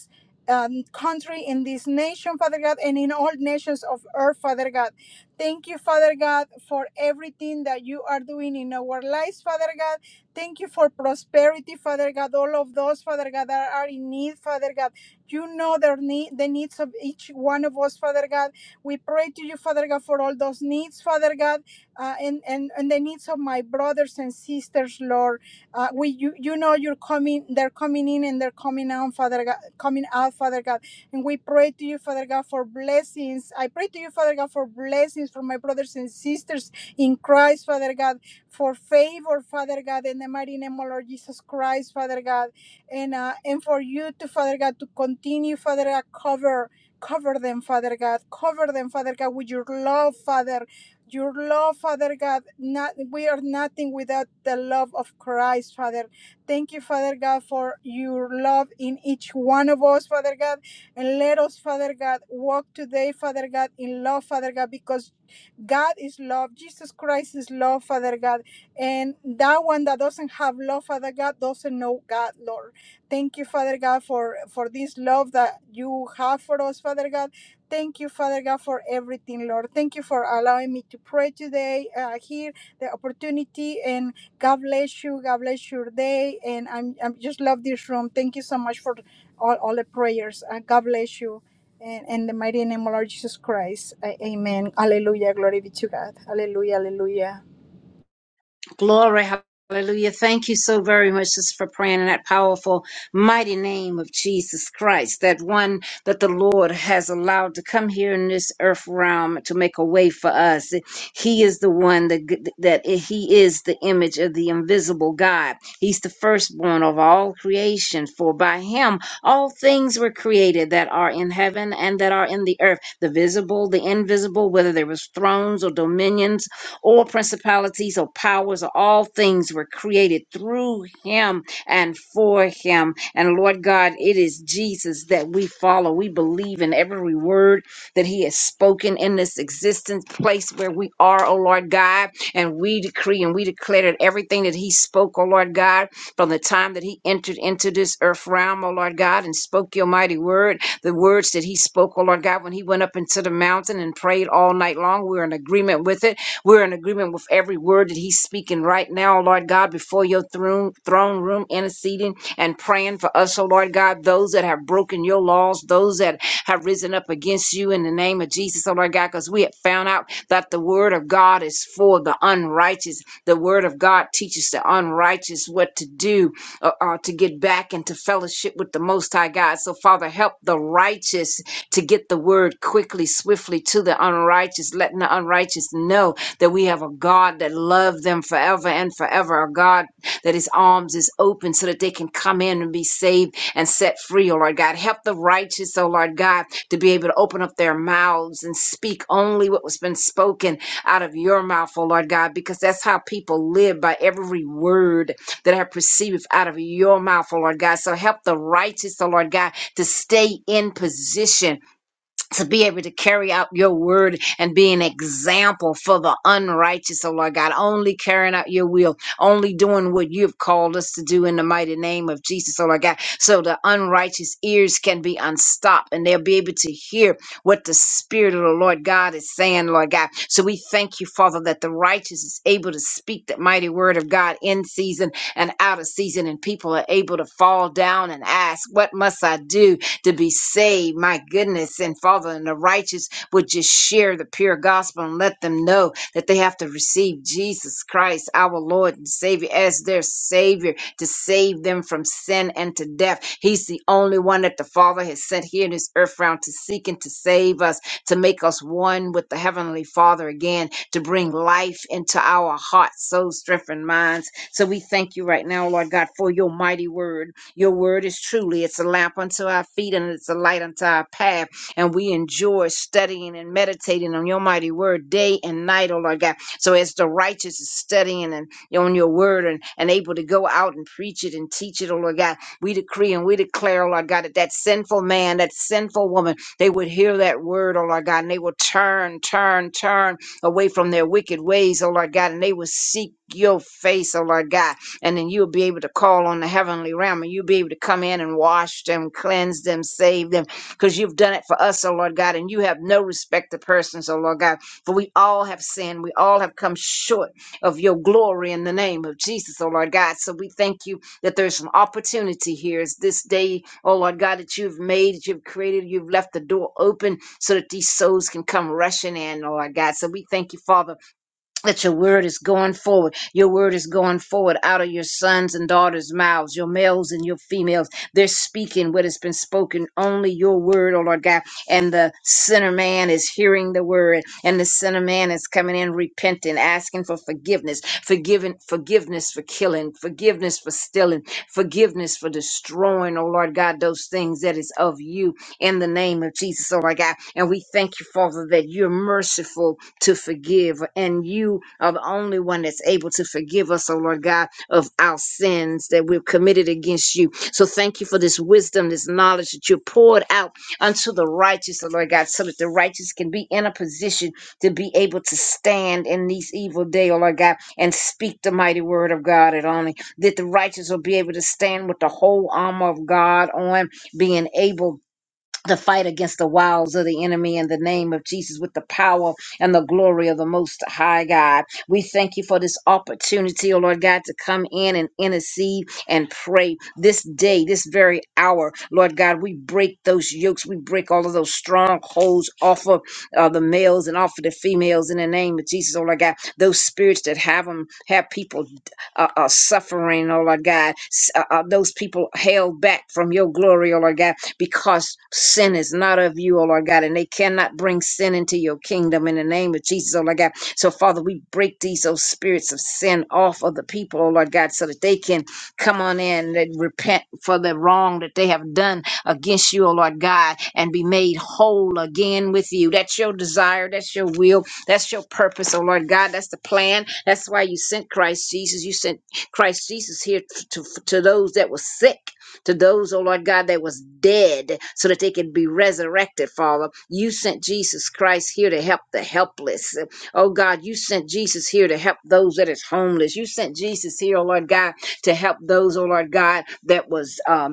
Speaker 4: um, country, in this nation, Father God, and in all nations of earth, Father God. Thank you, Father God, for everything that you are doing in our lives, Father God. Thank you for prosperity, Father God. All of those, Father God, that are in need, Father God. You know their need, the needs of each one of us, Father God. We pray to you, Father God, for all those needs, Father God, uh, and, and, and the needs of my brothers and sisters, Lord. Uh, we, you, you know, you're coming. They're coming in and they're coming out, Father God. Coming out, Father God. And we pray to you, Father God, for blessings. I pray to you, Father God, for blessings for my brothers and sisters in Christ, Father God, for favor, Father God, in the mighty name of Lord Jesus Christ, Father God, and uh, and for you to, Father God, to continue, Father God, cover. Cover them, Father God. Cover them, Father God, with your love, Father. Your love, Father God, not, we are nothing without the love of Christ, Father. Thank you, Father God, for your love in each one of us, Father God. And let us, Father God, walk today, Father God, in love, Father God, because God is love. Jesus Christ is love, Father God. And that one that doesn't have love, Father God, doesn't know God, Lord. Thank you, Father God, for, for this love that you have for us, Father God Thank you, Father God, for everything, Lord. Thank you for allowing me to pray today, uh, here, the opportunity. And God bless you. God bless your day. And I'm, I'm just love this room. Thank you so much for all, all the prayers. Uh, God bless you. And in the mighty name of Lord Jesus Christ. A- amen. Hallelujah. Glory be to God. Hallelujah. Hallelujah.
Speaker 1: Glory, hallelujah. Thank you so very much just for praying in that powerful, mighty name of Jesus Christ, that one that the Lord has allowed to come here in this earth realm to make a way for us. He is the one that, that he is the image of the invisible God. He's the firstborn of all creation, for by him all things were created that are in heaven and that are in the earth, the visible, the invisible, whether there was thrones or dominions all principalities or powers or all things were created through him and for him. And Lord God, it is Jesus that we follow. We believe in every word that he has spoken in this existence place where we are, oh Lord God. And we decree and we declare that everything that he spoke, oh Lord God, from the time that he entered into this earth realm, oh Lord God, and spoke your mighty word, the words that he spoke, oh Lord God, when he went up into the mountain and prayed all night long. We're in agreement with it we're in agreement with every word that he's speaking right now, Lord God, before your throne, throne room, interceding and praying for us, oh Lord God, those that have broken your laws, those that have risen up against you in the name of Jesus, oh Lord God, because we have found out that the word of God is for the unrighteous. The word of God teaches the unrighteous what to do uh, uh, to get back into fellowship with the Most High God. So, Father, help the righteous to get the word quickly, swiftly to the unrighteous, letting the unrighteous know that we have a God that loved them forever and forever, a God that his arms is open so that they can come in and be saved and set free, oh Lord God. Help the righteous, oh Lord God, to be able to open up their mouths and speak only what was been spoken out of your mouth, oh Lord God, because that's how people live by every word that I perceive out of your mouth, oh Lord God. So help the righteous, oh Lord God, to stay in position to be able to carry out your word and be an example for the unrighteous, oh Lord God, only carrying out your will, only doing what you've called us to do in the mighty name of Jesus, oh Lord God, so the unrighteous ears can be unstopped and they'll be able to hear what the Spirit of the Lord God is saying, Lord God. So we thank you, Father, that the righteous is able to speak the mighty word of God in season and out of season, and people are able to fall down and ask, What must I do? to be saved. My goodness. And Father, and the righteous would just share the pure gospel and let them know that they have to receive Jesus Christ, our Lord and Savior, as their Savior to save them from sin and to death. He's the only one that the Father has sent here in this earth round to seek and to save us, to make us one with the Heavenly Father again, to bring life into our hearts, souls, strength, and minds. So we thank you right now, Lord God, for your mighty word. Your word is truly, it's a lamp unto our feet and it's a light unto our path. And we enjoy studying and meditating on your mighty word day and night, oh Lord God. So as the righteous is studying and on your word and, and able to go out and preach it and teach it, oh Lord God, we decree and we declare, oh Lord God, that that sinful man, that sinful woman, they would hear that word, oh Lord God, and they will turn, turn, turn away from their wicked ways, oh Lord God, and they will seek your face, oh Lord God and then you'll be able to call on the heavenly realm and you'll be able to come in and wash them, cleanse them, save them, because you've done it for us, oh Lord God, and you have no respect of persons, oh Lord God, for we all have sinned. We all have come short of your glory in the name of Jesus, oh Lord God. So we thank you that there's an opportunity here. It's this day, oh Lord God, that you've made, that you've created, you've left the door open so that these souls can come rushing in, oh Lord God. So we thank you, Father that your word is going forward. Your word is going forward out of your sons and daughters' mouths, your males and your females. They're speaking what has been spoken, only your word, oh Lord God. And the sinner man is hearing the word, and the sinner man is coming in repenting, asking for forgiveness, forgiving, forgiveness for killing, forgiveness for stealing, forgiveness for destroying, oh Lord God, those things that is of you in the name of Jesus, oh Lord God. And we thank you, Father, that you're merciful to forgive. And you are the only one that's able to forgive us, oh Lord God, of our sins that we've committed against you. So thank you for this wisdom, this knowledge that you poured out unto the righteous, oh Lord God, so that the righteous can be in a position to be able to stand in these evil day, oh Lord God, and speak the mighty word of God at only. That the righteous will be able to stand with the whole armor of God on, being able, the fight against the wiles of the enemy in the name of Jesus with the power and the glory of the Most High God. We thank you for this opportunity, oh Lord God, to come in and intercede and pray this day, this very hour. Lord God, we break those yokes, we break all of those strongholds off of uh, the males and off of the females in the name of Jesus, oh Lord God. Those spirits that have them, have people uh, uh, suffering, oh Lord God. S- Uh, uh, those people held back from your glory, oh Lord God, because sin is not of you, oh Lord God, and they cannot bring sin into your kingdom in the name of Jesus, oh Lord God. So, Father, we break these oh, spirits of sin off of the people, oh Lord God, so that they can come on in and repent for the wrong that they have done against you, oh Lord God, and be made whole again with you. That's your desire, that's your will that's your purpose, oh Lord God. That's the plan. That's why you sent Christ Jesus. You sent Christ Jesus here to, to, to those that were sick, to those, oh Lord God, that was dead, so that they could be resurrected, Father. You sent Jesus Christ here to help the helpless. Oh God, you sent Jesus here to help those that is homeless. You sent Jesus here, oh Lord God, to help those, oh Lord God, that was um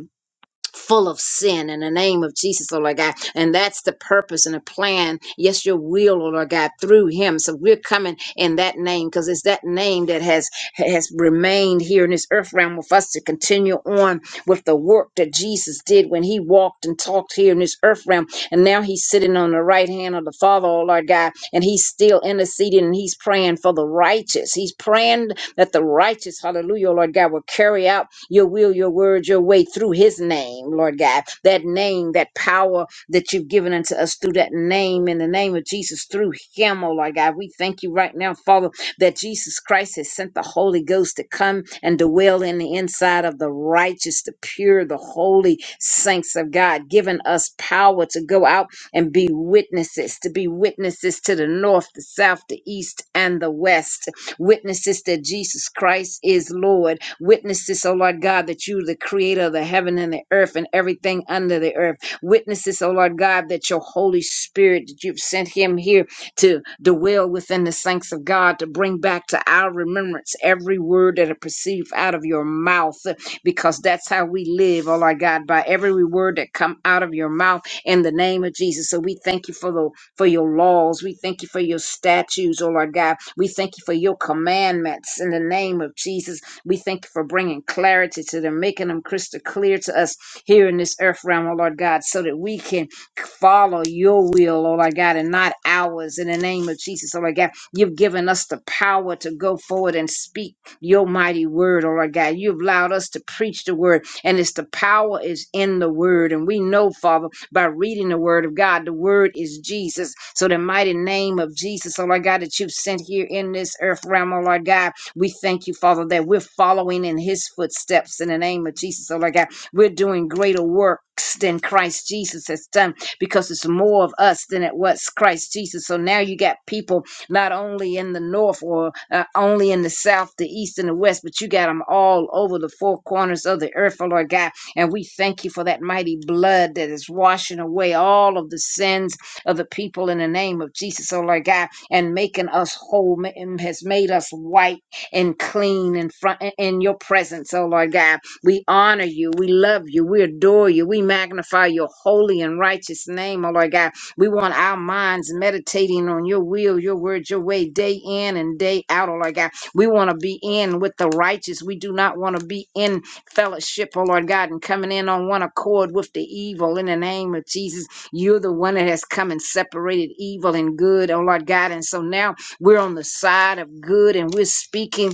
Speaker 1: full of sin in the name of Jesus, oh Lord God. And that's the purpose and the plan. Yes, your will, oh Lord God, through him. So we're coming in that name because it's that name that has has remained here in this earth realm with us to continue on with the work that Jesus did when he walked and talked here in this earth realm. And now he's sitting on the right hand of the Father, oh Lord God, and he's still interceding and he's praying for the righteous. He's praying that the righteous, hallelujah, oh Lord God, will carry out your will, your word, your way through his name, Lord God. That name, that power that you've given unto us through that name, in the name of Jesus, through him, oh Lord God. We thank you right now, Father, that Jesus Christ has sent the Holy Ghost to come and dwell in the inside of the righteous, the pure, the holy saints of God, giving us power to go out and be witnesses, to be witnesses to the north, the south, the east, and the west witnesses that Jesus Christ is Lord, witnesses, oh Lord God, that you, the creator of the heaven and the earth and everything under the earth, witnesses, oh Lord God, that your Holy Spirit, that you've sent him here to dwell within the saints of God, to bring back to our remembrance every word that are perceived out of your mouth, because that's how we live, oh Lord God, by every word that come out of your mouth in the name of Jesus. So we thank you for the for your laws. We thank you for your statutes, oh Lord God. We thank you for your commandments in the name of Jesus. We thank you for bringing clarity to them, making them crystal clear to us here in this earth realm, oh Lord God, so that we can follow your will, oh Lord God, and not ours in the name of Jesus, oh Lord God. You've given us the power to go forward and speak your mighty word, oh Lord God. You've allowed us to preach the word, and it's the power is in the word. And we know, Father, by reading the word of God. The word is Jesus. So the mighty name of Jesus, oh Lord God, that you've sent here in this earth realm, oh Lord God, we thank you, Father, that we're following in his footsteps in the name of Jesus, oh Lord God. We're doing greater works than Christ Jesus has done because it's more of us than it was Christ Jesus. So now you got people not only in the north or uh, only in the south, the east, and the west, but you got them all over the four corners of the earth, oh Lord God and we thank you for that mighty blood that is washing away all of the sins of the people in the name of Jesus, oh Lord God, and making us whole, ma- and has made us white and clean in front in your presence, oh Lord God. We honor you, we love you, we adore you, we magnify your holy and righteous name, oh Lord God. We want our minds meditating on your will, your word, your way, day in and day out, oh Lord God. We want to be in with the righteous. We do not want to be in fellowship, oh Lord God, and coming in on one accord with the evil in the name of Jesus. You're the one that has come and separated evil and good, oh Lord God. And so now we're on the side of good and we're speaking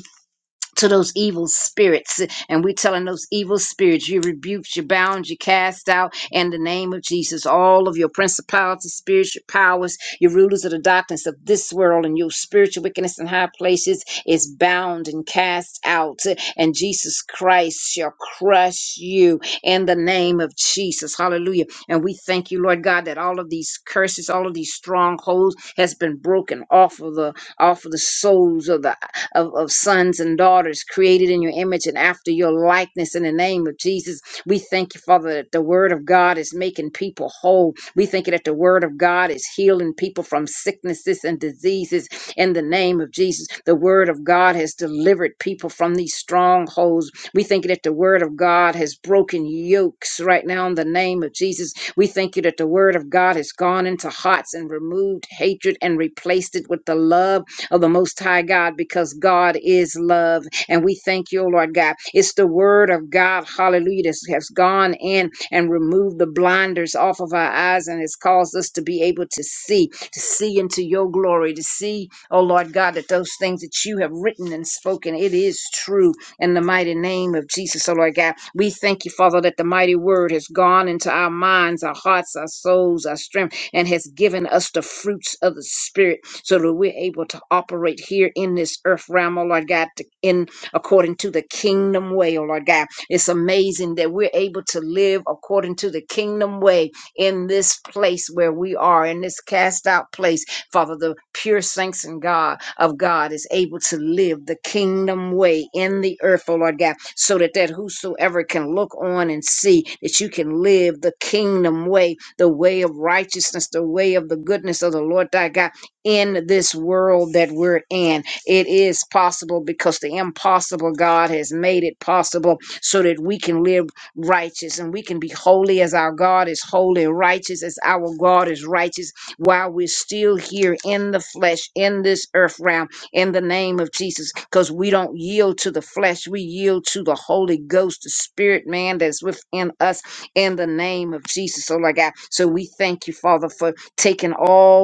Speaker 1: to those evil spirits. And we're telling those evil spirits, you rebuked, you bound, you cast out in the name of Jesus. All of your principalities, spirits, your powers, your rulers of the darkness of this world, and your spiritual wickedness in high places is bound and cast out. And Jesus Christ shall crush you in the name of Jesus. Hallelujah. And we thank you, Lord God, that all of these curses, all of these strongholds has been broken off of the off of the souls of the of, of sons and daughters created in your image and after your likeness in the name of Jesus. We thank you, Father, that the word of God is making people whole. We thank you that the word of God is healing people from sicknesses and diseases in the name of Jesus. The word of God has delivered people from these strongholds. We thank you that the word of God has broken yokes right now in the name of Jesus. We thank you that the word of God has gone into hearts and removed hatred and replaced it with the love of the Most High God because God is love. And we thank you, O Lord God. It's the word of God, hallelujah, that has gone in and removed the blinders off of our eyes and has caused us to be able to see, to see into your glory, to see, oh Lord God, that those things that you have written and spoken, it is true in the mighty name of Jesus, oh Lord God. We thank you, Father, that the mighty word has gone into our minds, our hearts, our souls, our strength and has given us the fruits of the Spirit so that we're able to operate here in this earth realm, oh Lord God, to- in according to the kingdom way, oh Lord God. It's amazing that we're able to live according to the kingdom way in this place where we are, in this cast out place, Father, the pure saints in God of God is able to live the kingdom way in the earth, oh Lord God, so that that whosoever can look on and see that you can live the kingdom way, the way of righteousness, the way of the goodness of the Lord thy God in this world that we're in. It is possible because the impossible God has made it possible so that we can live righteous and we can be holy as our God is holy, righteous as our God is righteous while we're still here in the flesh, in this earth realm, in the name of Jesus, because we don't yield to the flesh. We yield to the Holy Ghost, the spirit man that's within us in the name of Jesus. So, Lord God, so we thank you, Father, for taking all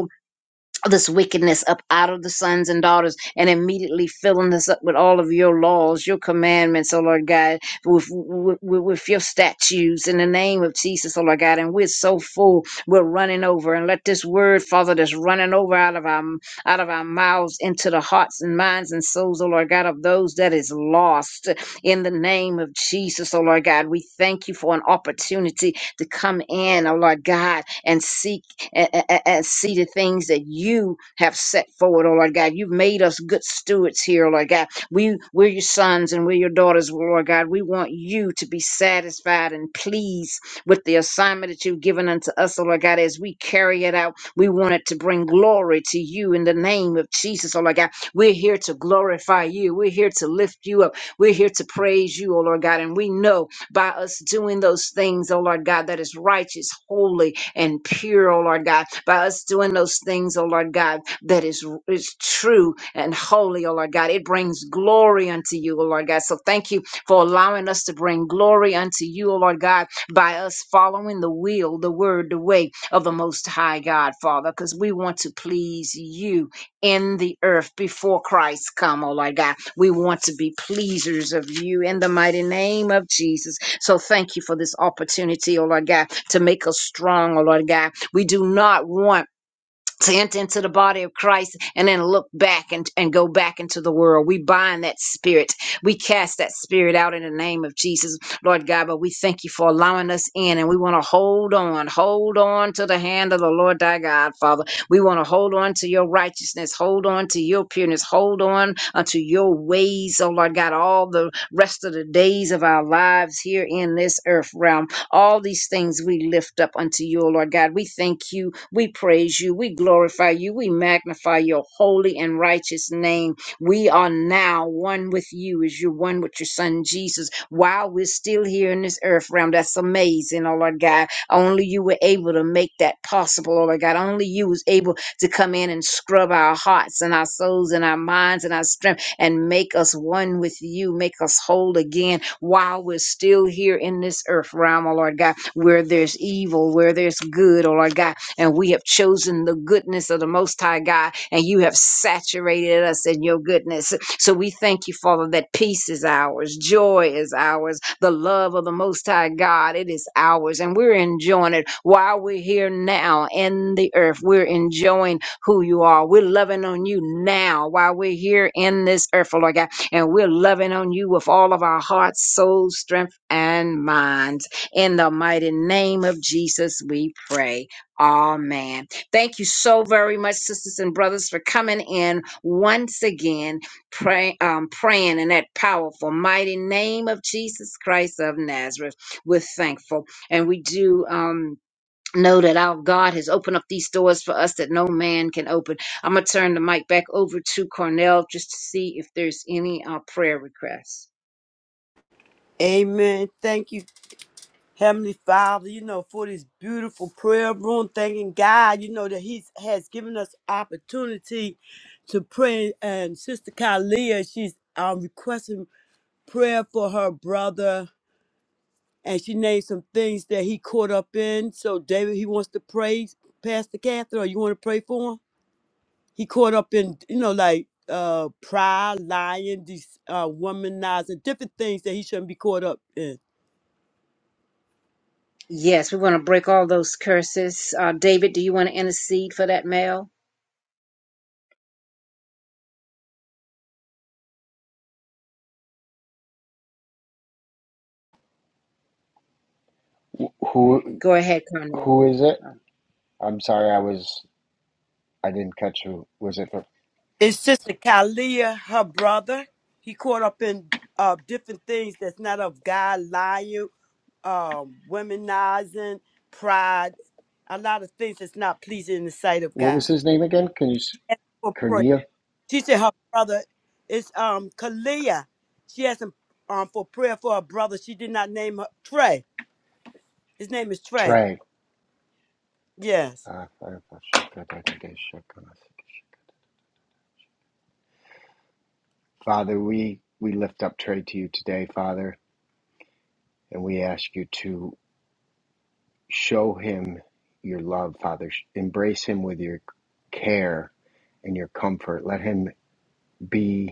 Speaker 1: this wickedness up out of the sons and daughters and immediately filling this up with all of your laws, your commandments, oh Lord God, with, with, with your statutes in the name of Jesus, oh Lord God. And we're so full, we're running over. And let this word, Father, that's running over out of our out of our mouths into the hearts and minds and souls, oh Lord God, of those that is lost in the name of Jesus, oh Lord God. We thank you for an opportunity to come in, oh Lord God, and seek and, and, and see the things that you have set forward, oh Lord God. You've made us good stewards here, oh Lord God. We we're your sons and we're your daughters, oh Lord God. We want you to be satisfied and pleased with the assignment that you've given unto us, oh Lord God, as we carry it out. We want it to bring glory to you in the name of Jesus, oh Lord God. We're here to glorify you. We're here to lift you up. We're here to praise you, oh Lord God. And we know by us doing those things, oh Lord God, that is righteous, holy, and pure, oh Lord God, by us doing those things, oh Lord God, that is, is true and holy, oh Lord God. It brings glory unto you, oh Lord God. So thank you for allowing us to bring glory unto you, oh Lord God, by us following the will, the word, the way of the Most High God, Father, because we want to please you in the earth before Christ come, oh Lord God. We want to be pleasers of you in the mighty name of Jesus. So thank you for this opportunity, oh Lord God, to make us strong, oh Lord God. We do not want to enter into the body of Christ and then look back and, and go back into the world. We bind that spirit. We cast that spirit out in the name of Jesus, Lord God. But we thank you for allowing us in and we want to hold on, hold on to the hand of the Lord thy God, Father. We want to hold on to your righteousness, hold on to your pureness, hold on unto your ways, oh Lord God, all the rest of the days of our lives here in this earth realm. All these things we lift up unto you, O Lord God. We thank you. We praise you. We glorify you. We magnify your holy and righteous name. We are now one with you as you're one with your son Jesus while we're still here in this earth realm. That's amazing, oh Lord God. Only you were able to make that possible, oh Lord God. Only you was able to come in and scrub our hearts and our souls and our minds and our strength and make us one with you, make us whole again while we're still here in this earth realm, oh Lord God, where there's evil, where there's good, oh Lord God and we have chosen the goodness of the Most High God, and you have saturated us in your goodness. So we thank you, Father, that peace is ours, joy is ours, the love of the Most High God, it is ours, and we're enjoying it while we're here now in the earth. We're enjoying who you are. We're loving on you now while we're here in this earth, oh Lord God, and we're loving on you with all of our hearts, souls, strength, and minds. In the mighty name of Jesus, we pray. Amen. Thank you so very much, sisters and brothers, for coming in once again, pray, um, praying in that powerful, mighty name of Jesus Christ of Nazareth. We're thankful. And we do. Um, Know that our God has opened up these doors for us that no man can open. I'm going to turn the mic back over to Cornell just to see if there's any uh, prayer requests.
Speaker 2: Amen. Thank you, Heavenly Father, you know, for this beautiful prayer room. Thanking God, you know, that He has given us opportunity to pray. And Sister Kalia, she's um, requesting. prayer for her brother, and she named some things that he caught up in. So David, he wants to pray, Pastor Catherine, or you want to pray for him? He caught up in, you know, like uh pride, lying, these uh womanizing, different things that he shouldn't be caught up in.
Speaker 1: Yes, we want to break all those curses. Uh, David, do you want to intercede for that male?
Speaker 3: Who,
Speaker 1: Go ahead, Conroy.
Speaker 3: who is it?
Speaker 1: Uh,
Speaker 3: I'm sorry, I was I didn't catch who was it. For,
Speaker 2: His sister Kalia, her brother, he caught up in uh different things that's not of God, lying, um, womanizing, pride, a lot of things that's not pleasing in the sight of
Speaker 3: what was
Speaker 2: God.
Speaker 3: his name again? Can you s- Cornea
Speaker 2: She said her brother is um Kalia. She asked him um for prayer for her brother. She did not name her Trey. His name is Trey.
Speaker 3: Trey?
Speaker 2: Yes.
Speaker 3: Uh, Father, we we lift up Trey to you today, Father, and we ask you to show him your love, Father. Embrace him with your care and your comfort. Let him be.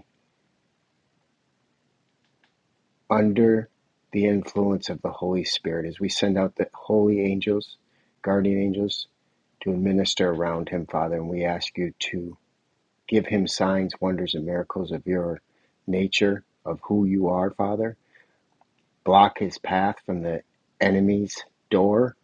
Speaker 3: under the influence of the Holy Spirit as we send out the holy angels, guardian angels, to minister around him, Father. And we ask you to give him signs, wonders, and miracles of your nature, of who you are, Father. Block his path from the enemy's door.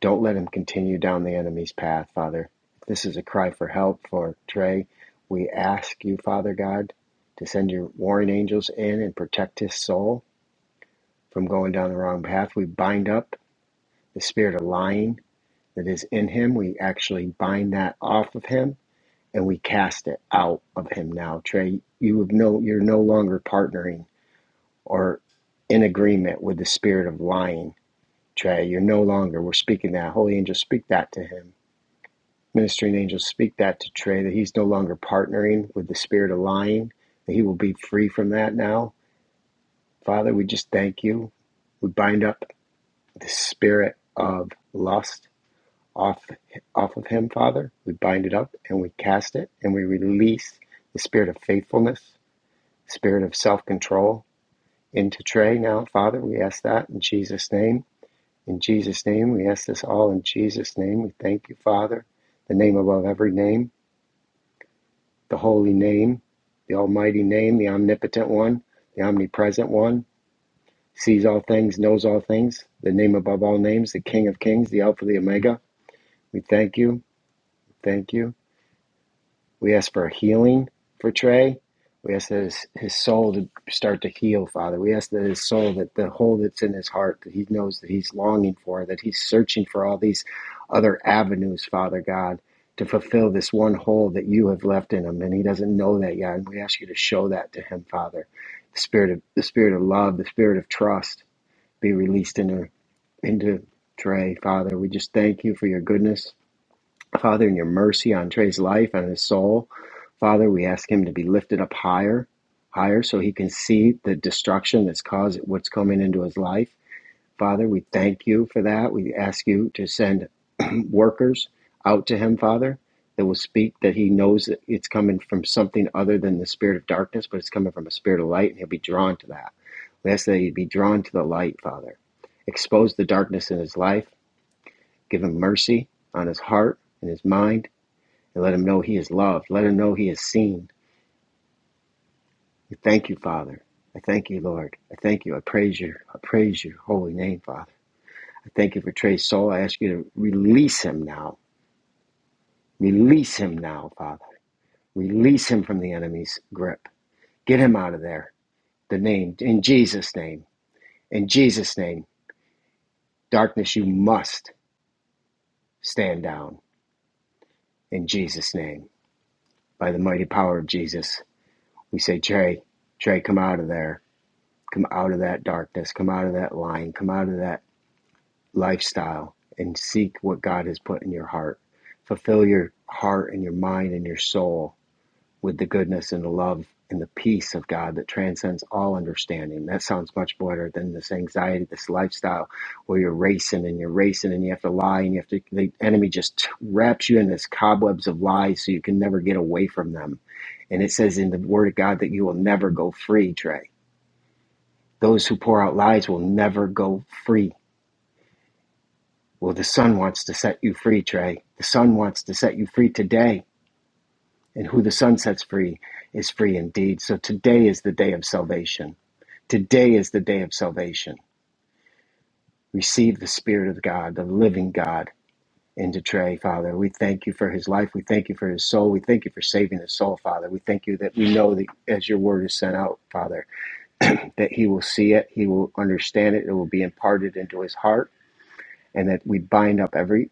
Speaker 3: Don't let him continue down the enemy's path, Father. If this is a cry for help for Trey, we ask you, Father God, to send your warring angels in and protect his soul from going down the wrong path. We bind up the spirit of lying that is in him. We actually bind that off of him and we cast it out of him now. Trey, you have no you're no longer partnering or in agreement with the spirit of lying. Trey, you're no longer. We're speaking that. Holy angels speak that to him. Ministering angels, speak that to Trey that he's no longer partnering with the spirit of lying, that he will be free from that now. Father, we just thank you. We bind up the spirit of lust off off of him, Father. We bind it up and we cast it and we release the spirit of faithfulness, spirit of self-control into Trey now, Father. We ask that in Jesus' name. In Jesus' name, we ask this all in Jesus' name. We thank you, Father, the name above every name, the holy name, the almighty name, the omnipotent one, the omnipresent one, sees all things, knows all things, the name above all names, the King of kings, the Alpha, the Omega. We thank you. Thank you. We ask for healing for Trey. We ask that his, his soul to start to heal, Father. We ask that his soul, that the hole that's in his heart, that he knows that he's longing for, that he's searching for all these other avenues, Father God, to fulfill this one hole that you have left in him, and he doesn't know that yet. And we ask you to show that to him, Father. The spirit of the spirit of love, the spirit of trust, be released into into Trey, Father. We just thank you for your goodness. Father, in your mercy on Trey's life and his soul, Father, we ask him to be lifted up higher, higher, so he can see the destruction that's caused what's coming into his life. Father, we thank you for that. We ask you to send workers out to him, Father, that will speak that he knows that it's coming from something other than the spirit of darkness, but it's coming from a spirit of light, and he'll be drawn to that. We ask that he be drawn to the light, Father. Expose the darkness in his life, give him mercy on his heart and his mind and let him know he is loved. Let him know he is seen. We thank you, Father. I thank you, Lord. I thank you. I praise you. I praise your holy name, Father. I thank you for Trey's soul. I ask you to release him now. Release him now, Father. Release him from the enemy's grip. Get him out of there. The name, in Jesus' name. In Jesus' name. Darkness, you must stand down. In Jesus' name. By the mighty power of Jesus, we say, Trey, Trey, come out of there. Come out of that darkness, come out of that line, come out of that lifestyle, and seek what God has put in your heart. Fulfill your heart and your mind and your soul with the goodness and the love and the peace of God that transcends all understanding. That sounds much better than this anxiety, this lifestyle where you're racing and you're racing and you have to lie and you have to, the enemy just wraps you in this cobwebs of lies so you can never get away from them. And it says in the Word of God that you will never go free, Trey those who pour out lies will never go free. Well, the sun wants to set you free, Trey. The sun wants to set you free today. And who the sun sets free is free indeed. So today is the day of salvation. Today is the day of salvation. Receive the Spirit of God, the living God, into Trey, Father. We thank you for his life. We thank you for his soul. We thank you for saving his soul, Father. We thank you that we know that as your word is sent out, Father, that he will see it, he will understand it, it will be imparted into his heart and that we bind up every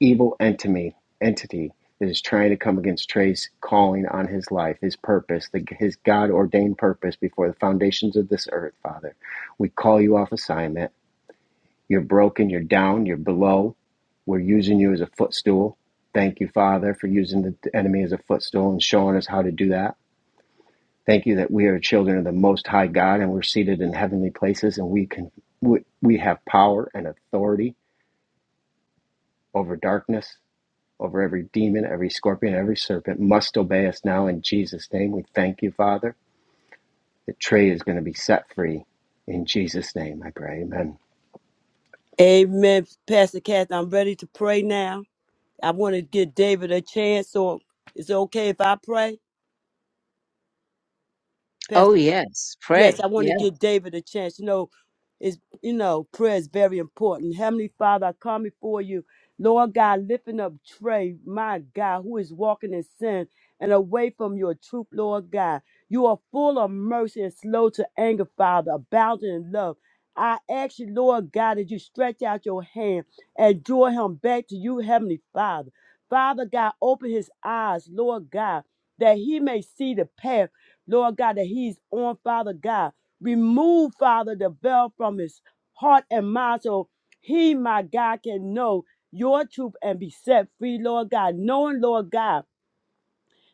Speaker 3: evil entity entity that is trying to come against Trey's calling on his life, his purpose, the, his God ordained purpose before the foundations of this earth, Father. We call you off assignment. You're broken, you're down, you're below. We're using you as a footstool. Thank you, Father, for using the enemy as a footstool and showing us how to do that. Thank you that we are children of the Most High God and we're seated in heavenly places and we can we, we have power and authority over darkness over every demon, every scorpion, every serpent must obey us now in Jesus' name. We thank you, Father, that Trey is going to be set free. In Jesus' name, I pray. Amen.
Speaker 2: Amen. Pastor Kathy, I'm ready to pray now. I want to give David a chance, so is it okay if I pray? Pastor
Speaker 1: Oh, yes.
Speaker 2: Yes,
Speaker 1: Pray.
Speaker 2: I
Speaker 1: Yes.
Speaker 2: want to give David a chance. You know, is you know, prayer is very important. Heavenly Father, I come before you. Lord God, lifting up Trey, my God, who is walking in sin and away from your truth, Lord God. You are full of mercy and slow to anger, Father, abounding in love. I ask you, Lord God, that you stretch out your hand and draw him back to you, Heavenly Father. Father God, open his eyes, Lord God, that he may see the path Lord God, that he's on, Father God. Remove, Father, the veil from his heart and mind so he, my God, can know your truth and be set free, Lord God. Knowing, Lord God,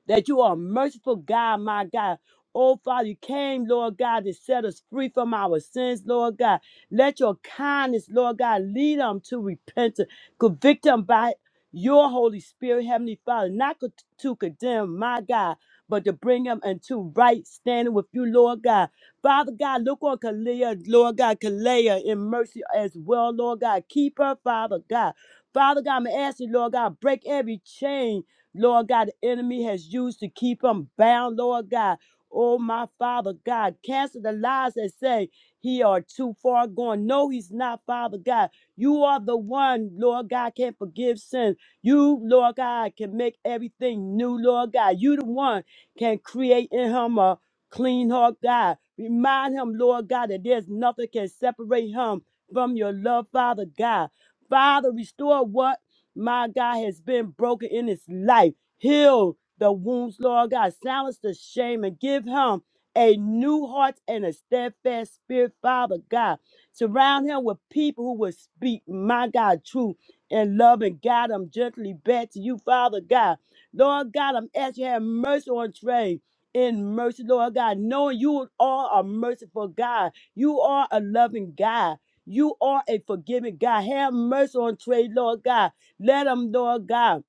Speaker 2: that you are a merciful God, my God. Oh, Father, you came, Lord God, to set us free from our sins, Lord God. Let your kindness, Lord God, lead them to repentance, convict them by your Holy Spirit, Heavenly Father, not co- to condemn, my God, but to bring them into right standing with you, Lord God. Father God, look on Kalia, Lord God, Kalea in mercy as well, Lord God. Keep her, Father God. Father God, I'm asking, Lord God, break every chain Lord God, the enemy has used to keep them bound, Lord God. Oh, my Father God, cancel the lies that say he are too far gone. No, he's not, Father God. You are the one, Lord God, can forgive sins. You, Lord God, can make everything new, Lord God. You the one can create in him a clean heart, God. Remind him, Lord God, that there's nothing can separate him from your love, Father God. Father, restore what? my God, has been broken in his life. Heal the wounds, Lord God. Silence the shame and give him a new heart and a steadfast spirit, Father God. Surround him with people who will speak, my God, truth and love and guide him gently back to you, Father God. Lord God, I'm asking you to have mercy on Trey. In mercy, Lord God, knowing you are a merciful God. You are a loving God. You are a forgiving God. Have mercy on Trey, Lord God. Let him, Lord God,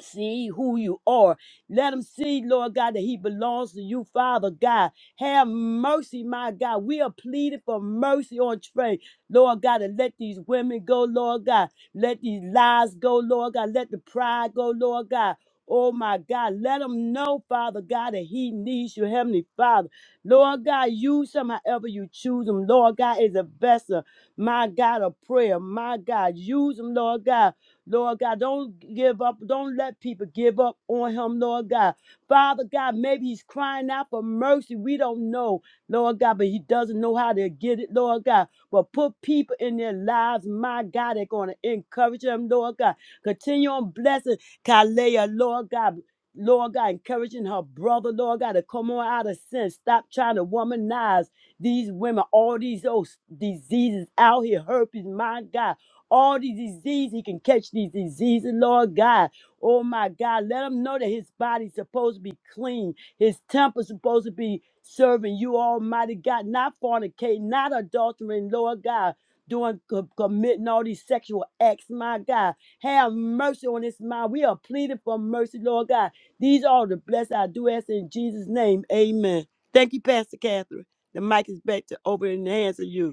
Speaker 2: see who you are. Let him see, Lord God, that he belongs to you, Father God. Have mercy, my God. We are pleading for mercy on Trey, Lord God, and let these women go, Lord God. Let these lies go, Lord God. Let the pride go, Lord God. Oh my God, let him know, Father God, that he needs you, Heavenly Father. Lord God, use him however you choose him. Lord God is a vessel, my God, of prayer. My God, use him, Lord God Lord God, don't give up. Don't let people give up on him, Lord God. Father God, maybe he's crying out for mercy. We don't know, Lord God, but he doesn't know how to get it, Lord God. But put people in their lives, my God, they're going to encourage them, Lord God. Continue on blessing Kalea, Lord God. Lord God, encouraging her brother, Lord God, to come on out of sin. Stop trying to womanize these women, all these old diseases out here, herpes, my God all these diseases. He can catch these diseases, Lord God. Oh my God, let him know that his body's supposed to be clean. His temple's supposed to be serving you, Almighty God, not fornicating, not adultering, Lord God, doing co- committing all these sexual acts, my God. Have mercy on this mind. We are pleading for mercy, Lord God. These are the blessings I do ask in Jesus' name. Amen. Thank you, Pastor Catherine. The mic is back to over in the hands of you.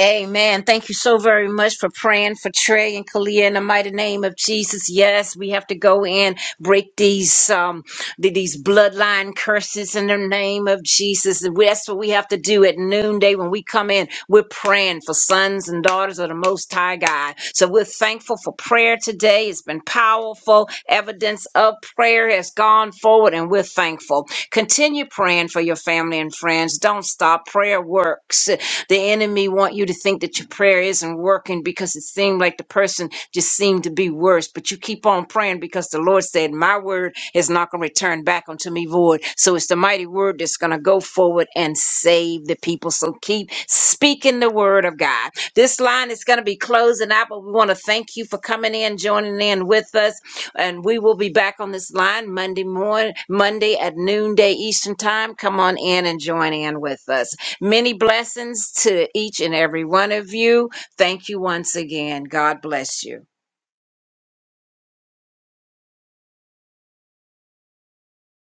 Speaker 1: Amen. Thank you so very much for praying for Trey and Kalia in the mighty name of Jesus. Yes, we have to go in, break these um th- these bloodline curses in the name of Jesus. And we- That's what we have to do at noonday when we come in. We're praying for sons and daughters of the Most High God. So we're thankful for prayer today. It's been powerful. Evidence of prayer has gone forward, and we're thankful. Continue praying for your family and friends. Don't stop. Prayer works. The enemy want you to think that your prayer isn't working because it seemed like the person just seemed to be worse. But you keep on praying because the Lord said, My word is not going to return back unto me void. So it's the mighty word that's going to go forward and save the people. So keep speaking the word of God. This line is going to be closing out, but we want to thank you for coming in, joining in with us and we will be back on this line Monday morning, Monday at noonday Eastern time. Come on in and join in with us. Many blessings to each and every one of you. Thank you once again. God bless you.